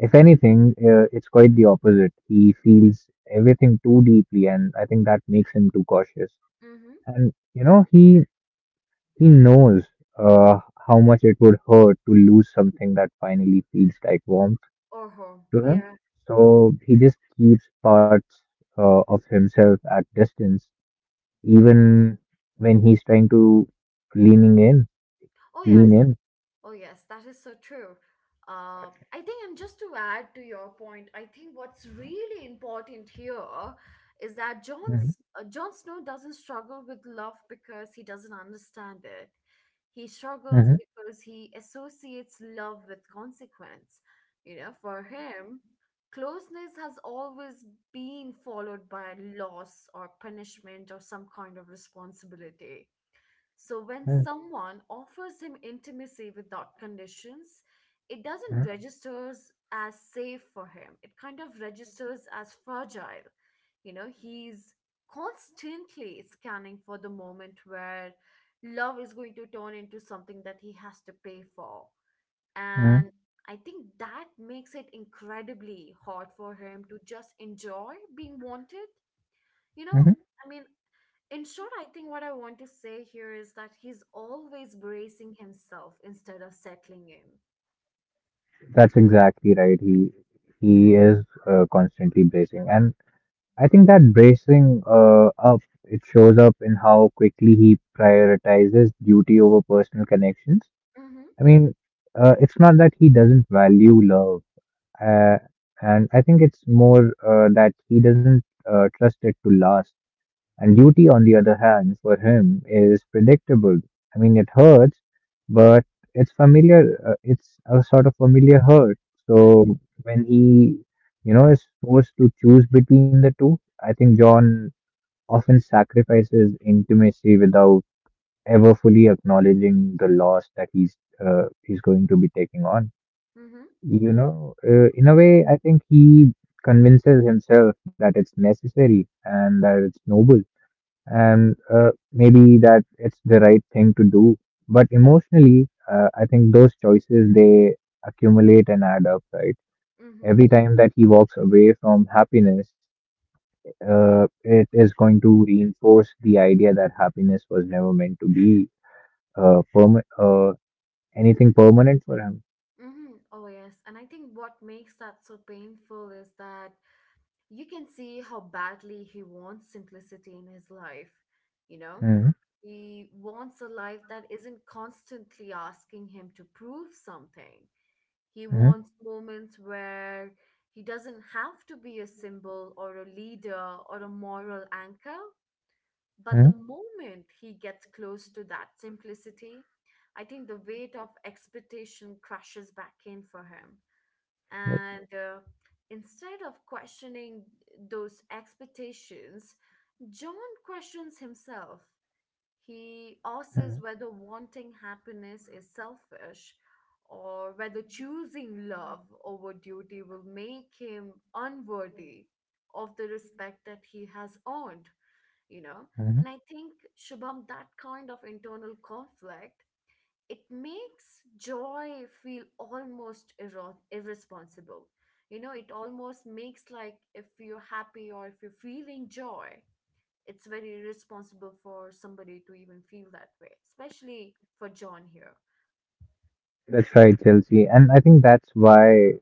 [SPEAKER 2] if anything, it's quite the opposite. He feels everything too deeply, and I think that makes him too cautious.
[SPEAKER 1] Mm-hmm.
[SPEAKER 2] And you know, he knows uh, how much it would hurt to lose something that finally feels like warmth
[SPEAKER 1] Or home,
[SPEAKER 2] to him.
[SPEAKER 1] yeah.
[SPEAKER 2] So he just keeps parts of himself at distance, even when he's trying to leaning in,
[SPEAKER 1] Oh yeah.
[SPEAKER 2] lean in.
[SPEAKER 1] Oh, yes, that is so true. I think, and just to add to your point, I think what's really important here is that
[SPEAKER 2] Hmm
[SPEAKER 1] Jon Snow doesn't struggle with love because he doesn't understand it. He struggles
[SPEAKER 2] hmm
[SPEAKER 1] because he associates love with consequence. You know, for him, closeness has always been followed by loss or punishment or some kind of responsibility, so when
[SPEAKER 2] hmm
[SPEAKER 1] someone offers him intimacy without conditions, it doesn't registers as safe for him. It kind of registers as fragile. You know, he's constantly scanning for the moment where love is going to turn into something that he has to pay for. And I think that makes it incredibly hard for him to just enjoy being wanted. You
[SPEAKER 2] hmm
[SPEAKER 1] know, I mean, in short, I think what I want to say here is that he's always bracing himself instead of settling in.
[SPEAKER 2] That's exactly right. He is constantly bracing, and I think that bracing up it shows up in how quickly he prioritizes duty over personal connections.
[SPEAKER 1] Mm-hmm.
[SPEAKER 2] I mean, it's not that he doesn't value love, uh, and I think it's more that he doesn't trust it to last. And duty, on the other hand, for him is predictable. I mean, it hurts, but it's familiar. It's a sort of familiar hurt.
[SPEAKER 1] Oh yeah.
[SPEAKER 2] So when he, you know, is forced to choose between the two, I think John often sacrifices intimacy without ever fully acknowledging the loss that he's going to be taking on.
[SPEAKER 1] Mm-hmm.
[SPEAKER 2] You know, in a way, I think he convinces himself that it's necessary and that it's noble and, maybe that it's the right thing to do. But emotionally, I think those choices, they accumulate and add up, right?
[SPEAKER 1] Mm-hmm.
[SPEAKER 2] Every time that he walks away from happiness, it is going to reinforce the idea that happiness was never meant to be uh, perma- uh, anything permanent for him.
[SPEAKER 1] Mm-hmm. Oh yes. And I think what makes that so painful is that you can see how badly he wants simplicity in his life. You know,
[SPEAKER 2] Hmm
[SPEAKER 1] he wants a life that isn't constantly asking him to prove something. He
[SPEAKER 2] hmm
[SPEAKER 1] wants moments where he doesn't have to be a symbol or a leader or a moral anchor. But the
[SPEAKER 2] hmm
[SPEAKER 1] moment he gets close to that simplicity, I think the weight of expectation crashes back in for him.
[SPEAKER 2] Yep.
[SPEAKER 1] And Instead of questioning those expectations, John questions himself. He
[SPEAKER 2] hmm
[SPEAKER 1] asks whether wanting happiness is selfish or whether choosing love over duty will make him unworthy of the respect that he has earned, you know.
[SPEAKER 2] hmm
[SPEAKER 1] And I think, Shubham, that kind of internal conflict, it makes joy feel almost irresponsible. You know, it almost makes like if you're happy or if you're feeling joy, it's very irresponsible for somebody to even feel that way, especially for John here.
[SPEAKER 2] That's right, Chelsea. And I think that's why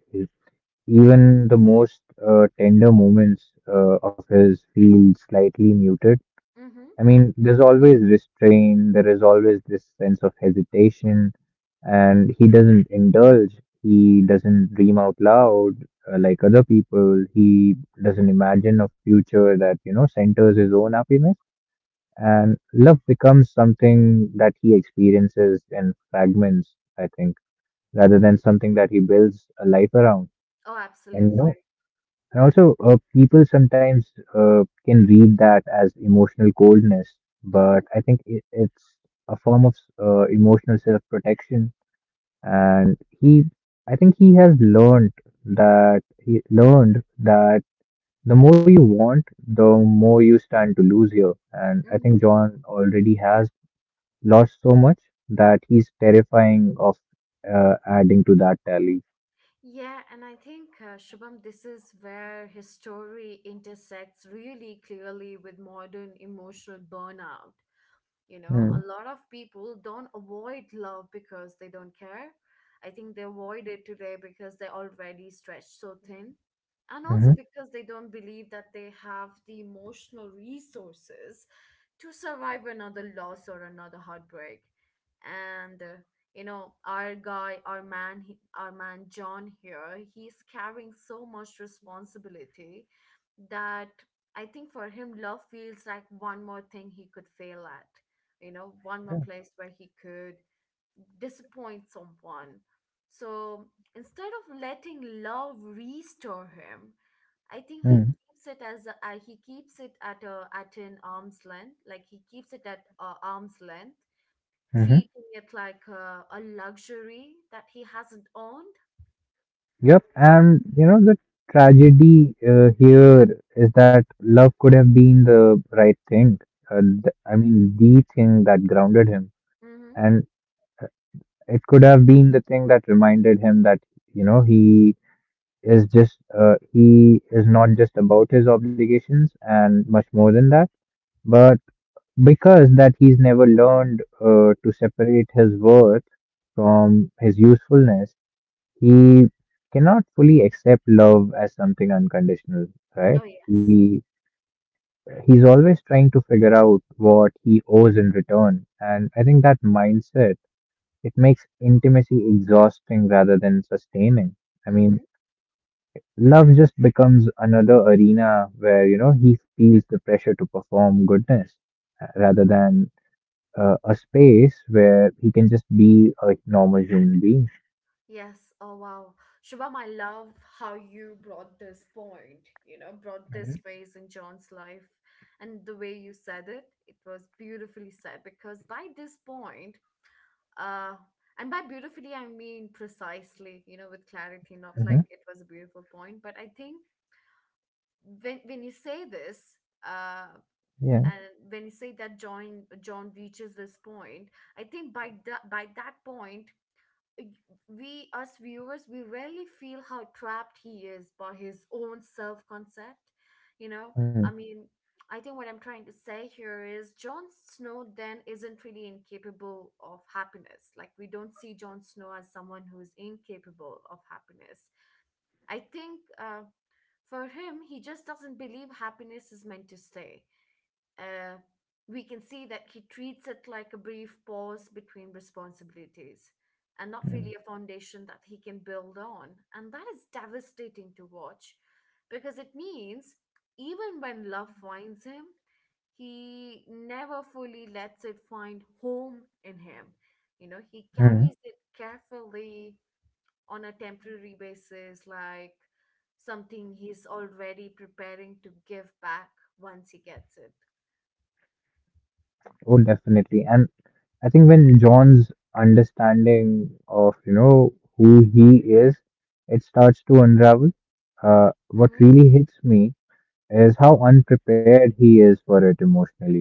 [SPEAKER 2] even the most tender moments of his feel slightly muted.
[SPEAKER 1] Mm-hmm.
[SPEAKER 2] I mean, there's always restraint, there is always this sense of hesitation, and he doesn't indulge, he doesn't dream out loud like other people, he doesn't imagine a future that, you know, centers his own happiness. And love becomes something that he experiences in fragments, I think, rather than something that he builds a life around.
[SPEAKER 1] Oh,
[SPEAKER 2] And you know,
[SPEAKER 1] absolutely.
[SPEAKER 2] and also, people sometimes can read that as emotional coldness, but
[SPEAKER 1] Mm-hmm.
[SPEAKER 2] I think it's a form of emotional self-protection. And he, I think he has learned that he learned that the more you want, the more you stand to lose here. And I think
[SPEAKER 1] Mm-hmm.
[SPEAKER 2] John already has lost so much that he's terrifying of adding to that tally.
[SPEAKER 1] Yeah, and I think, Shubham, this is where his story intersects really clearly with modern emotional burnout. You know,
[SPEAKER 2] Mm-hmm.
[SPEAKER 1] a lot of people don't avoid love because they don't care. I think they avoid it today because they're already stretched so thin. And also because they don't believe that they have the emotional resources to survive another loss or another heartbreak. And You know, our guy, our man, our man John here, he's carrying so much responsibility that I think for him, love feels like one more thing he could fail at, you know, one more place where he could disappoint someone. So instead of letting love restore him, I think he
[SPEAKER 2] Mm-hmm.
[SPEAKER 1] keeps it as he keeps it at a at an arm's length, like he keeps it at arm's length, treating it like a luxury that he hasn't owned.
[SPEAKER 2] Yep, and you know the tragedy here is that love could have been the right thing. I mean, the thing that grounded him,
[SPEAKER 1] Mm-hmm.
[SPEAKER 2] and it could have been the thing that reminded him that you know he is not just about his obligations and much more than that. But because that he's never learned to separate his worth from his usefulness, he cannot fully accept love as something unconditional, right?
[SPEAKER 1] Oh yeah.
[SPEAKER 2] He he's always trying to figure out what he owes in return, and I think that mindset it makes intimacy exhausting rather than sustaining. I mean,
[SPEAKER 1] Mm-hmm.
[SPEAKER 2] love just becomes another arena where you know he feels the pressure to perform goodness rather than a space where he can just be a normal human being.
[SPEAKER 1] Yes. Oh, wow. Shubham, I love how you brought this point, you know, brought this phase in John's life. And the way you said it, it was beautifully said because by this point, uh, and by beautifully, I mean precisely, you know, with clarity, not
[SPEAKER 2] Hmm.
[SPEAKER 1] like it was a beautiful point. But I think when you say this, uh,
[SPEAKER 2] Yeah.
[SPEAKER 1] and when you say that John reaches this point, I think by that point we, us viewers, we rarely feel how trapped he is by his own self concept, you know.
[SPEAKER 2] Mm-hmm.
[SPEAKER 1] I mean, I think what I'm trying to say here is Jon Snow then isn't really incapable of happiness, like we don't see Jon Snow as someone who's incapable of happiness. I think, for him, he just doesn't believe happiness is meant to stay. uh, we can see that he treats it like a brief pause between responsibilities and not really a foundation that he can build on. And that is devastating to watch because it means even when love finds him, he never fully lets it find home in him. You know, he
[SPEAKER 2] Mm-hmm.
[SPEAKER 1] carries it carefully on a temporary basis, like something he's already preparing to give back once he gets it.
[SPEAKER 2] Oh, definitely. And I think when John's understanding of, you know, who he is, it starts to unravel.
[SPEAKER 1] Mm-hmm.
[SPEAKER 2] What really hits me is how unprepared he is for it emotionally.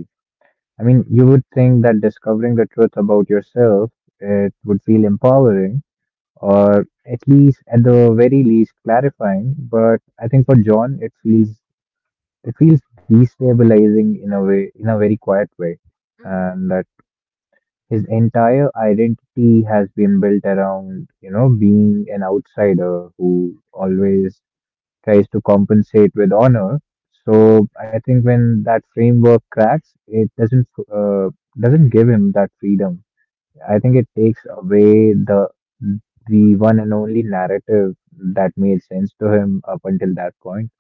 [SPEAKER 2] I mean, you would think that discovering the truth about yourself, it would feel empowering or at least at the very least clarifying, but I think for John it feels destabilizing in a way in a very quiet way.
[SPEAKER 1] Mm-hmm.
[SPEAKER 2] And that his entire identity has been built around, you know, being an outsider who always tries to compensate with honor. So I think when that framework cracks, it uh, doesn't give him that freedom. I think it takes away the one and only narrative that made sense to him up until that point.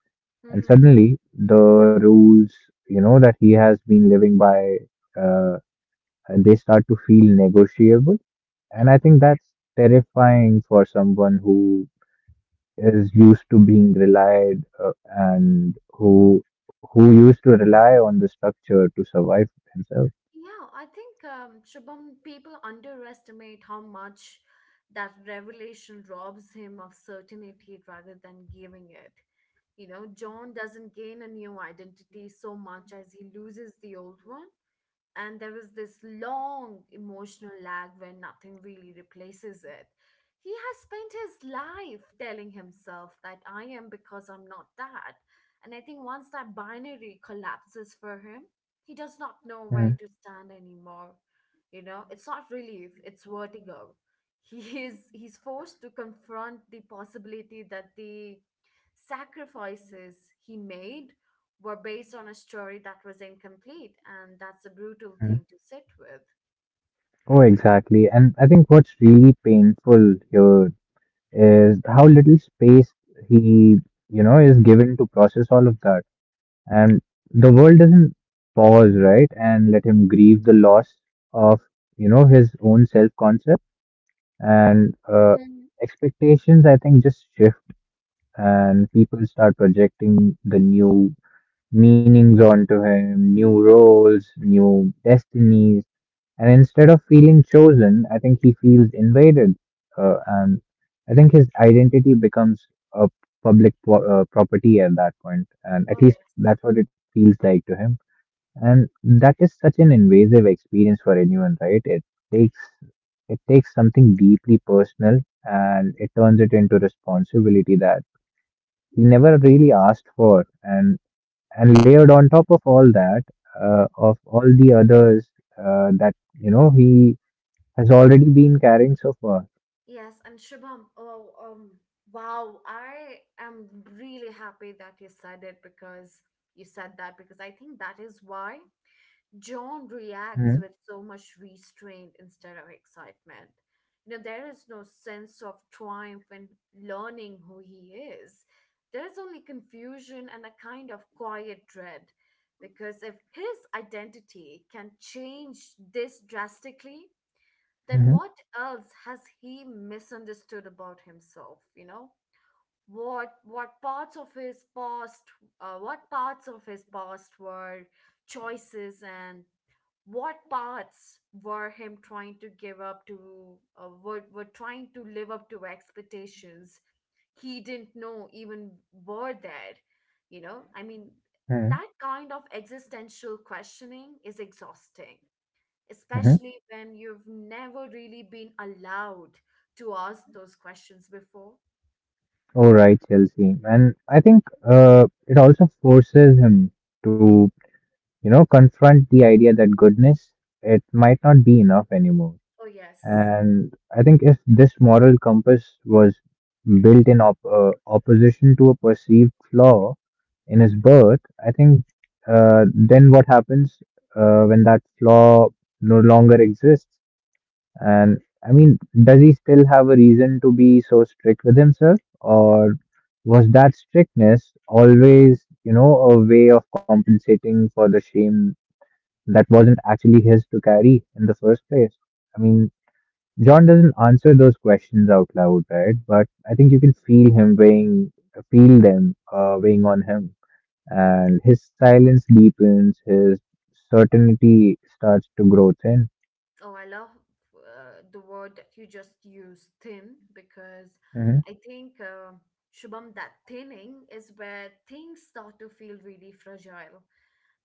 [SPEAKER 2] And
[SPEAKER 1] Mm-hmm.
[SPEAKER 2] suddenly, the rules, you know, that he has been living by, uh, they start to feel negotiable and
[SPEAKER 1] And
[SPEAKER 2] I think
[SPEAKER 1] okay.
[SPEAKER 2] that's terrifying for someone who is used to being relied and who used to rely on the structure to survive himself.
[SPEAKER 1] Yeah, I think Shubham, people underestimate how much that revelation robs him of certainty rather than giving it. You know, John doesn't gain a new identity so much as he loses the old one. And there was this long emotional lag where nothing really replaces it. He has spent his life telling himself that I am because I'm not that. And I think once that binary collapses for him, he does not know where
[SPEAKER 2] Mm-hmm.
[SPEAKER 1] to stand anymore. You know, it's not relief, it's vertigo. He's forced to confront the possibility that the sacrifices he made were based on a story that was incomplete, and that's a brutal thing to sit with.
[SPEAKER 2] Oh, exactly. And I think what's really painful here is how little space he, you know, is given to process all of that. And the world doesn't pause, right, and let him grieve the loss of, you know, his own self-concept. And
[SPEAKER 1] Mhm.
[SPEAKER 2] expectations, I think, just shift, and people start projecting the new meanings onto him, new roles, new destinies. And instead of feeling chosen, I think he feels invaded. And I think his identity becomes a property at that point, and at
[SPEAKER 1] Oh,
[SPEAKER 2] least
[SPEAKER 1] yeah.
[SPEAKER 2] that's what it feels like to him. And that is such an invasive experience for anyone, right? Takes it takes something deeply personal and it turns it into responsibility that he never really asked for and layered on top of all that of all the others that you know he has already been carrying so far.
[SPEAKER 1] Yes, and Shubham, oh, wow, I am really happy that you said it because you said that because I think that is why John reacts
[SPEAKER 2] Mm-hmm.
[SPEAKER 1] with so much restraint instead of excitement. You know, there is no sense of triumph in learning who he is. There's only confusion and a kind of quiet dread. Because if his identity can change this drastically, then what else has he misunderstood about himself? You know, what parts of his past, were choices and what parts were him trying to give up to were trying to live up to expectations he didn't know even were there, you know. I mean,
[SPEAKER 2] Mm-hmm.
[SPEAKER 1] that kind of existential questioning is exhausting, especially when you've never really been allowed to ask those questions before.
[SPEAKER 2] Oh right, Chelsea, and I think it also forces him to you know, confront the idea that goodness, it might not be enough anymore.
[SPEAKER 1] Oh yes.
[SPEAKER 2] And I think if this moral compass was built in opposition to a perceived flaw in his birth, I think then what happens when that flaw no longer exists? And I mean, does he still have a reason to be so strict with himself? Or was that strictness always, you know, a way of compensating for the shame that wasn't actually his to carry in the first place. I mean, John doesn't answer those questions out loud, right? But I think you can feel him weighing, feel them weighing on him. And his silence deepens, his certainty starts to grow thin.
[SPEAKER 1] Oh, I love the word that you just used, thin, because
[SPEAKER 2] Hmm.
[SPEAKER 1] I think, Shubham, that thinning is where things start to feel really fragile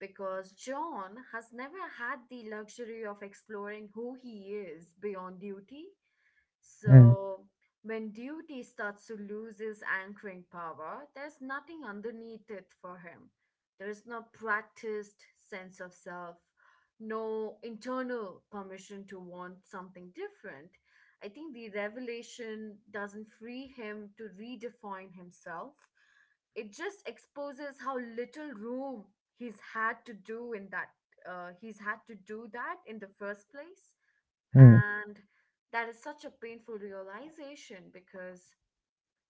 [SPEAKER 1] because John has never had the luxury of exploring who he is beyond duty.
[SPEAKER 2] Hmm.
[SPEAKER 1] So, when duty starts to lose its anchoring power, there's nothing underneath it for him. There is no practiced sense of self, no internal permission to want something different. I think the revelation doesn't free him to redefine himself, it just exposes how little room he's had to do in that he's had to do that in the first place.
[SPEAKER 2] Hmm.
[SPEAKER 1] And that is such a painful realization because,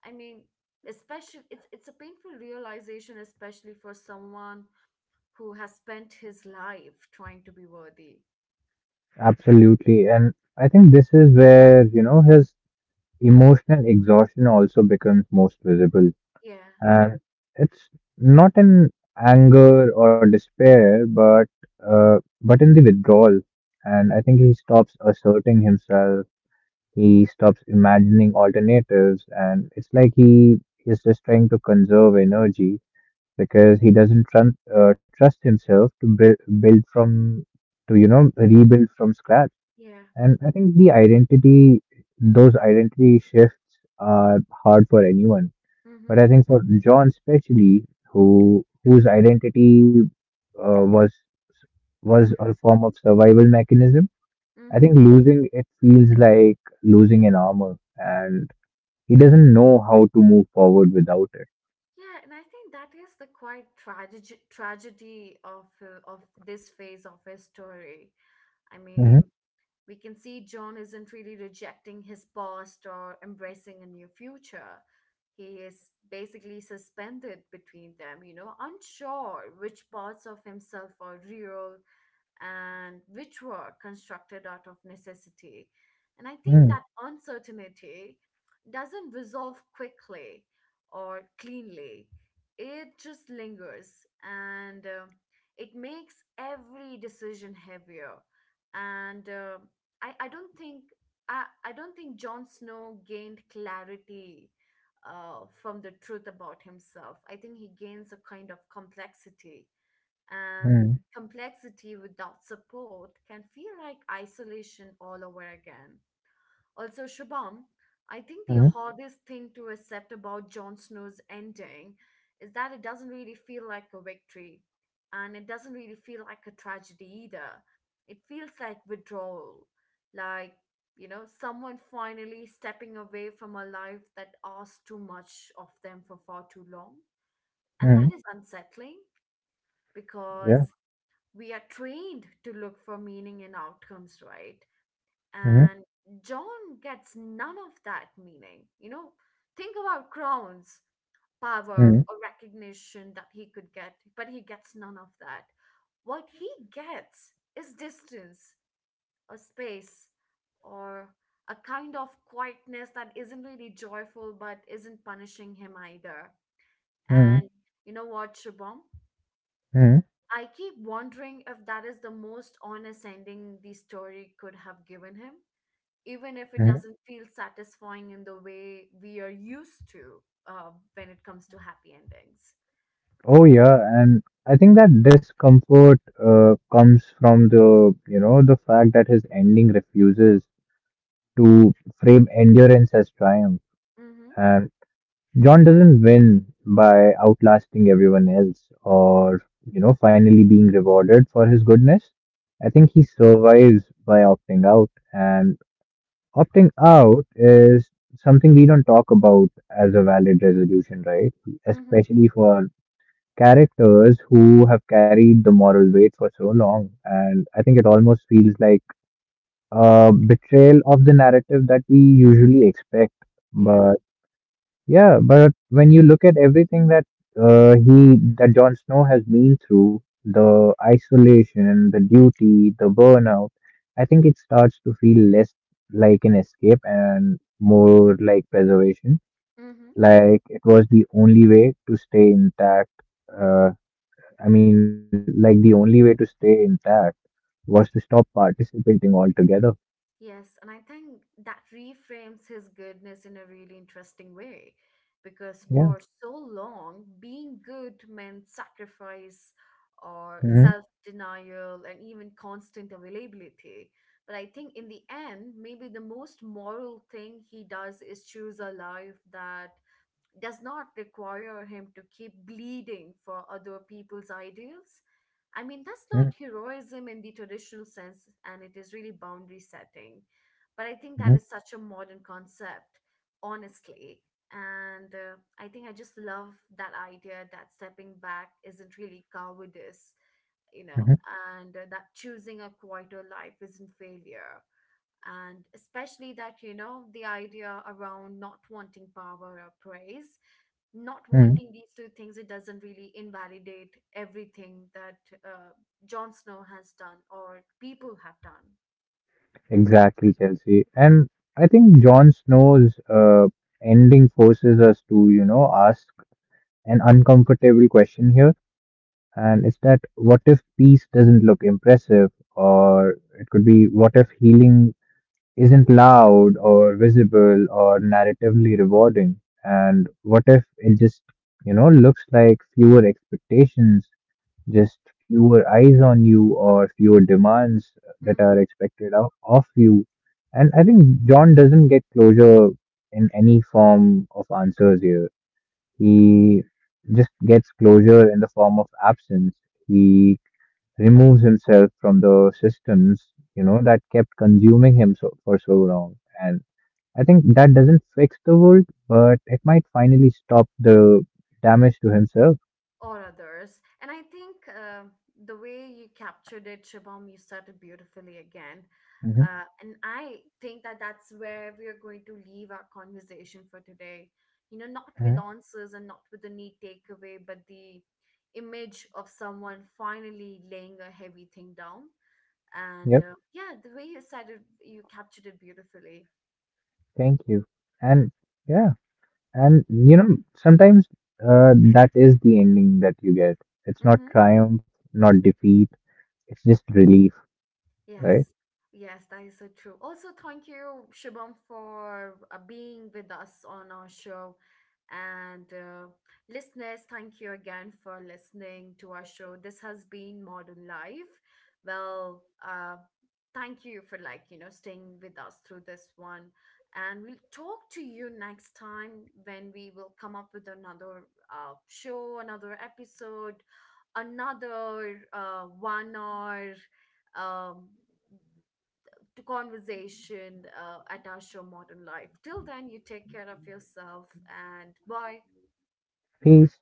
[SPEAKER 1] I mean, especially it's a painful realization especially for someone who has spent his life trying to be worthy.
[SPEAKER 2] Absolutely. And I think this is where, you know, his emotional exhaustion also becomes most visible.
[SPEAKER 1] Yeah.
[SPEAKER 2] And it's not in anger or despair, uh, but in the withdrawal. And I think he stops asserting himself. He stops imagining alternatives, and it's like he is just trying to conserve energy because he doesn't trun trust himself to build, build from to you know rebuild from scratch.
[SPEAKER 1] Yeah.
[SPEAKER 2] And I think the identity, those identity shifts are hard for anyone. But
[SPEAKER 1] Mhm.
[SPEAKER 2] I think for John especially, whose identity uh, was was a form of survival mechanism, I
[SPEAKER 1] Mhm.
[SPEAKER 2] think losing it feels like losing an armor, and he doesn't know how to move forward without it.
[SPEAKER 1] Yeah, and I think that is the quite tragedy of this phase of his story. I
[SPEAKER 2] Mhm.
[SPEAKER 1] mean, we can see John isn't really rejecting his past or embracing a new future. He is basically suspended between them, you know, unsure which parts of himself are real and which were constructed out of necessity. And I think
[SPEAKER 2] Mhm.
[SPEAKER 1] that uncertainty doesn't resolve quickly or cleanly, it just lingers, and it makes every decision heavier. And I don't think. I don't think Jon Snow gained clarity from the truth about himself. I think he gains a kind of complexity, and
[SPEAKER 2] Mhm.
[SPEAKER 1] complexity without support can feel like isolation all over again. Also, Shubham, I think the
[SPEAKER 2] Mhm.
[SPEAKER 1] hardest thing to accept about Jon Snow's ending is that it doesn't really feel like a victory, and it doesn't really feel like a tragedy either. It feels like withdrawal, like, you know, someone finally stepping away from a life that asked too much of them for far too long. And
[SPEAKER 2] Mhm.
[SPEAKER 1] that is unsettling because
[SPEAKER 2] Yeah.
[SPEAKER 1] we are trained to look for meaning in outcomes, right?
[SPEAKER 2] Mhm.
[SPEAKER 1] And John gets none of that meaning. You know, think about crowns, power,
[SPEAKER 2] Mhm.
[SPEAKER 1] or recognition that he could get, but he gets none of that. What he gets is distance, or space, or a kind of quietness that isn't really joyful but isn't punishing him either.
[SPEAKER 2] Mhm.
[SPEAKER 1] And you know what, Shubham?
[SPEAKER 2] Mhm.
[SPEAKER 1] I keep wondering if that is the most honest ending the story could have given him, even if it
[SPEAKER 2] Mhm.
[SPEAKER 1] doesn't feel satisfying in the way we are used to when it comes to happy endings.
[SPEAKER 2] Oh yeah, and I think that discomfort comes from the you know the fact that his ending refuses to frame endurance as triumph.
[SPEAKER 1] Mm-hmm.
[SPEAKER 2] And John doesn't win by outlasting everyone else or, you know, finally being rewarded for his goodness. I think he survives by opting out. And opting out is something we don't talk about as a valid resolution, right?
[SPEAKER 1] Mm-hmm.
[SPEAKER 2] Especially for characters who have carried the moral weight for so long. And I think it almost feels like betrayal of the narrative that we usually expect.
[SPEAKER 1] Yeah.
[SPEAKER 2] But yeah, but when you look at everything that he that Jon Snow has been through, the isolation, the duty, the burnout, I think it starts to feel less like an escape and more like preservation.
[SPEAKER 1] Mm-hmm.
[SPEAKER 2] Like it was the only way to stay intact. Uh, I mean, like the only way to stay intact was to stop participating altogether.
[SPEAKER 1] Yes, and I think that reframes his goodness in a really interesting way because for
[SPEAKER 2] Yeah.
[SPEAKER 1] so long, being good meant sacrifice or self denial and even constant availability. But I think in the end, maybe the most moral thing he does is choose a life that does not require him to keep bleeding for other people's ideals. I mean, that's
[SPEAKER 2] Hmm.
[SPEAKER 1] not heroism in the traditional sense, and it is really boundary setting. But I think that is such a modern concept, honestly. And I think I just love that idea that stepping back isn't really cowardice, you know,
[SPEAKER 2] Mhm.
[SPEAKER 1] and that choosing a quieter life isn't failure, and especially that, you know, the idea around not wanting power or praise, not
[SPEAKER 2] Mhm.
[SPEAKER 1] wanting these two things, it doesn't really invalidate everything that uh, Jon Snow has done or people have done.
[SPEAKER 2] Exactly, Chelsea. And I think Jon Snow's ending forces us to, you know, ask an uncomfortable question here. And it's that what if peace doesn't look impressive? Or it could be what if healing isn't loud or visible or narratively rewarding? And what if it just, you know, looks like fewer expectations just fewer eyes on you or fewer demands that are
[SPEAKER 1] Mm-hmm.
[SPEAKER 2] expected of you. And I think John doesn't get closure in any form of answers here. He just gets closure in the form of absence. He removes himself from the systems, you know, that kept consuming him so, for so long. And I think that doesn't fix the world, but it might finally stop the damage to himself.
[SPEAKER 1] Or others. And I think, the way you captured it, Shubham, you said it beautifully again.
[SPEAKER 2] Mm-hmm.
[SPEAKER 1] And I think that that's where we're going to leave our conversation for today. You know, not
[SPEAKER 2] Mm-hmm.
[SPEAKER 1] with answers and not with the neat takeaway, but the image of someone finally laying a heavy thing down. And
[SPEAKER 2] Yep.
[SPEAKER 1] yeah, the way you said it, you captured it beautifully.
[SPEAKER 2] Thank you. And yeah, and you know, sometimes that is the ending that you get. It's not
[SPEAKER 1] Hmm.
[SPEAKER 2] triumph, not defeat. It's just relief, right?
[SPEAKER 1] Yes, yes, that is so true. Also, thank you, Shubham, for being with us on our show. And listeners, thank you again for listening to our show. This has been Modern Life. Well, thank you for like, you know, staying with us through this one. And we'll talk to you next time when we will come up with another show, another episode, another 1 hour um, to conversation at our show Modern Life. Till then, you take care of yourself and bye.
[SPEAKER 2] Peace.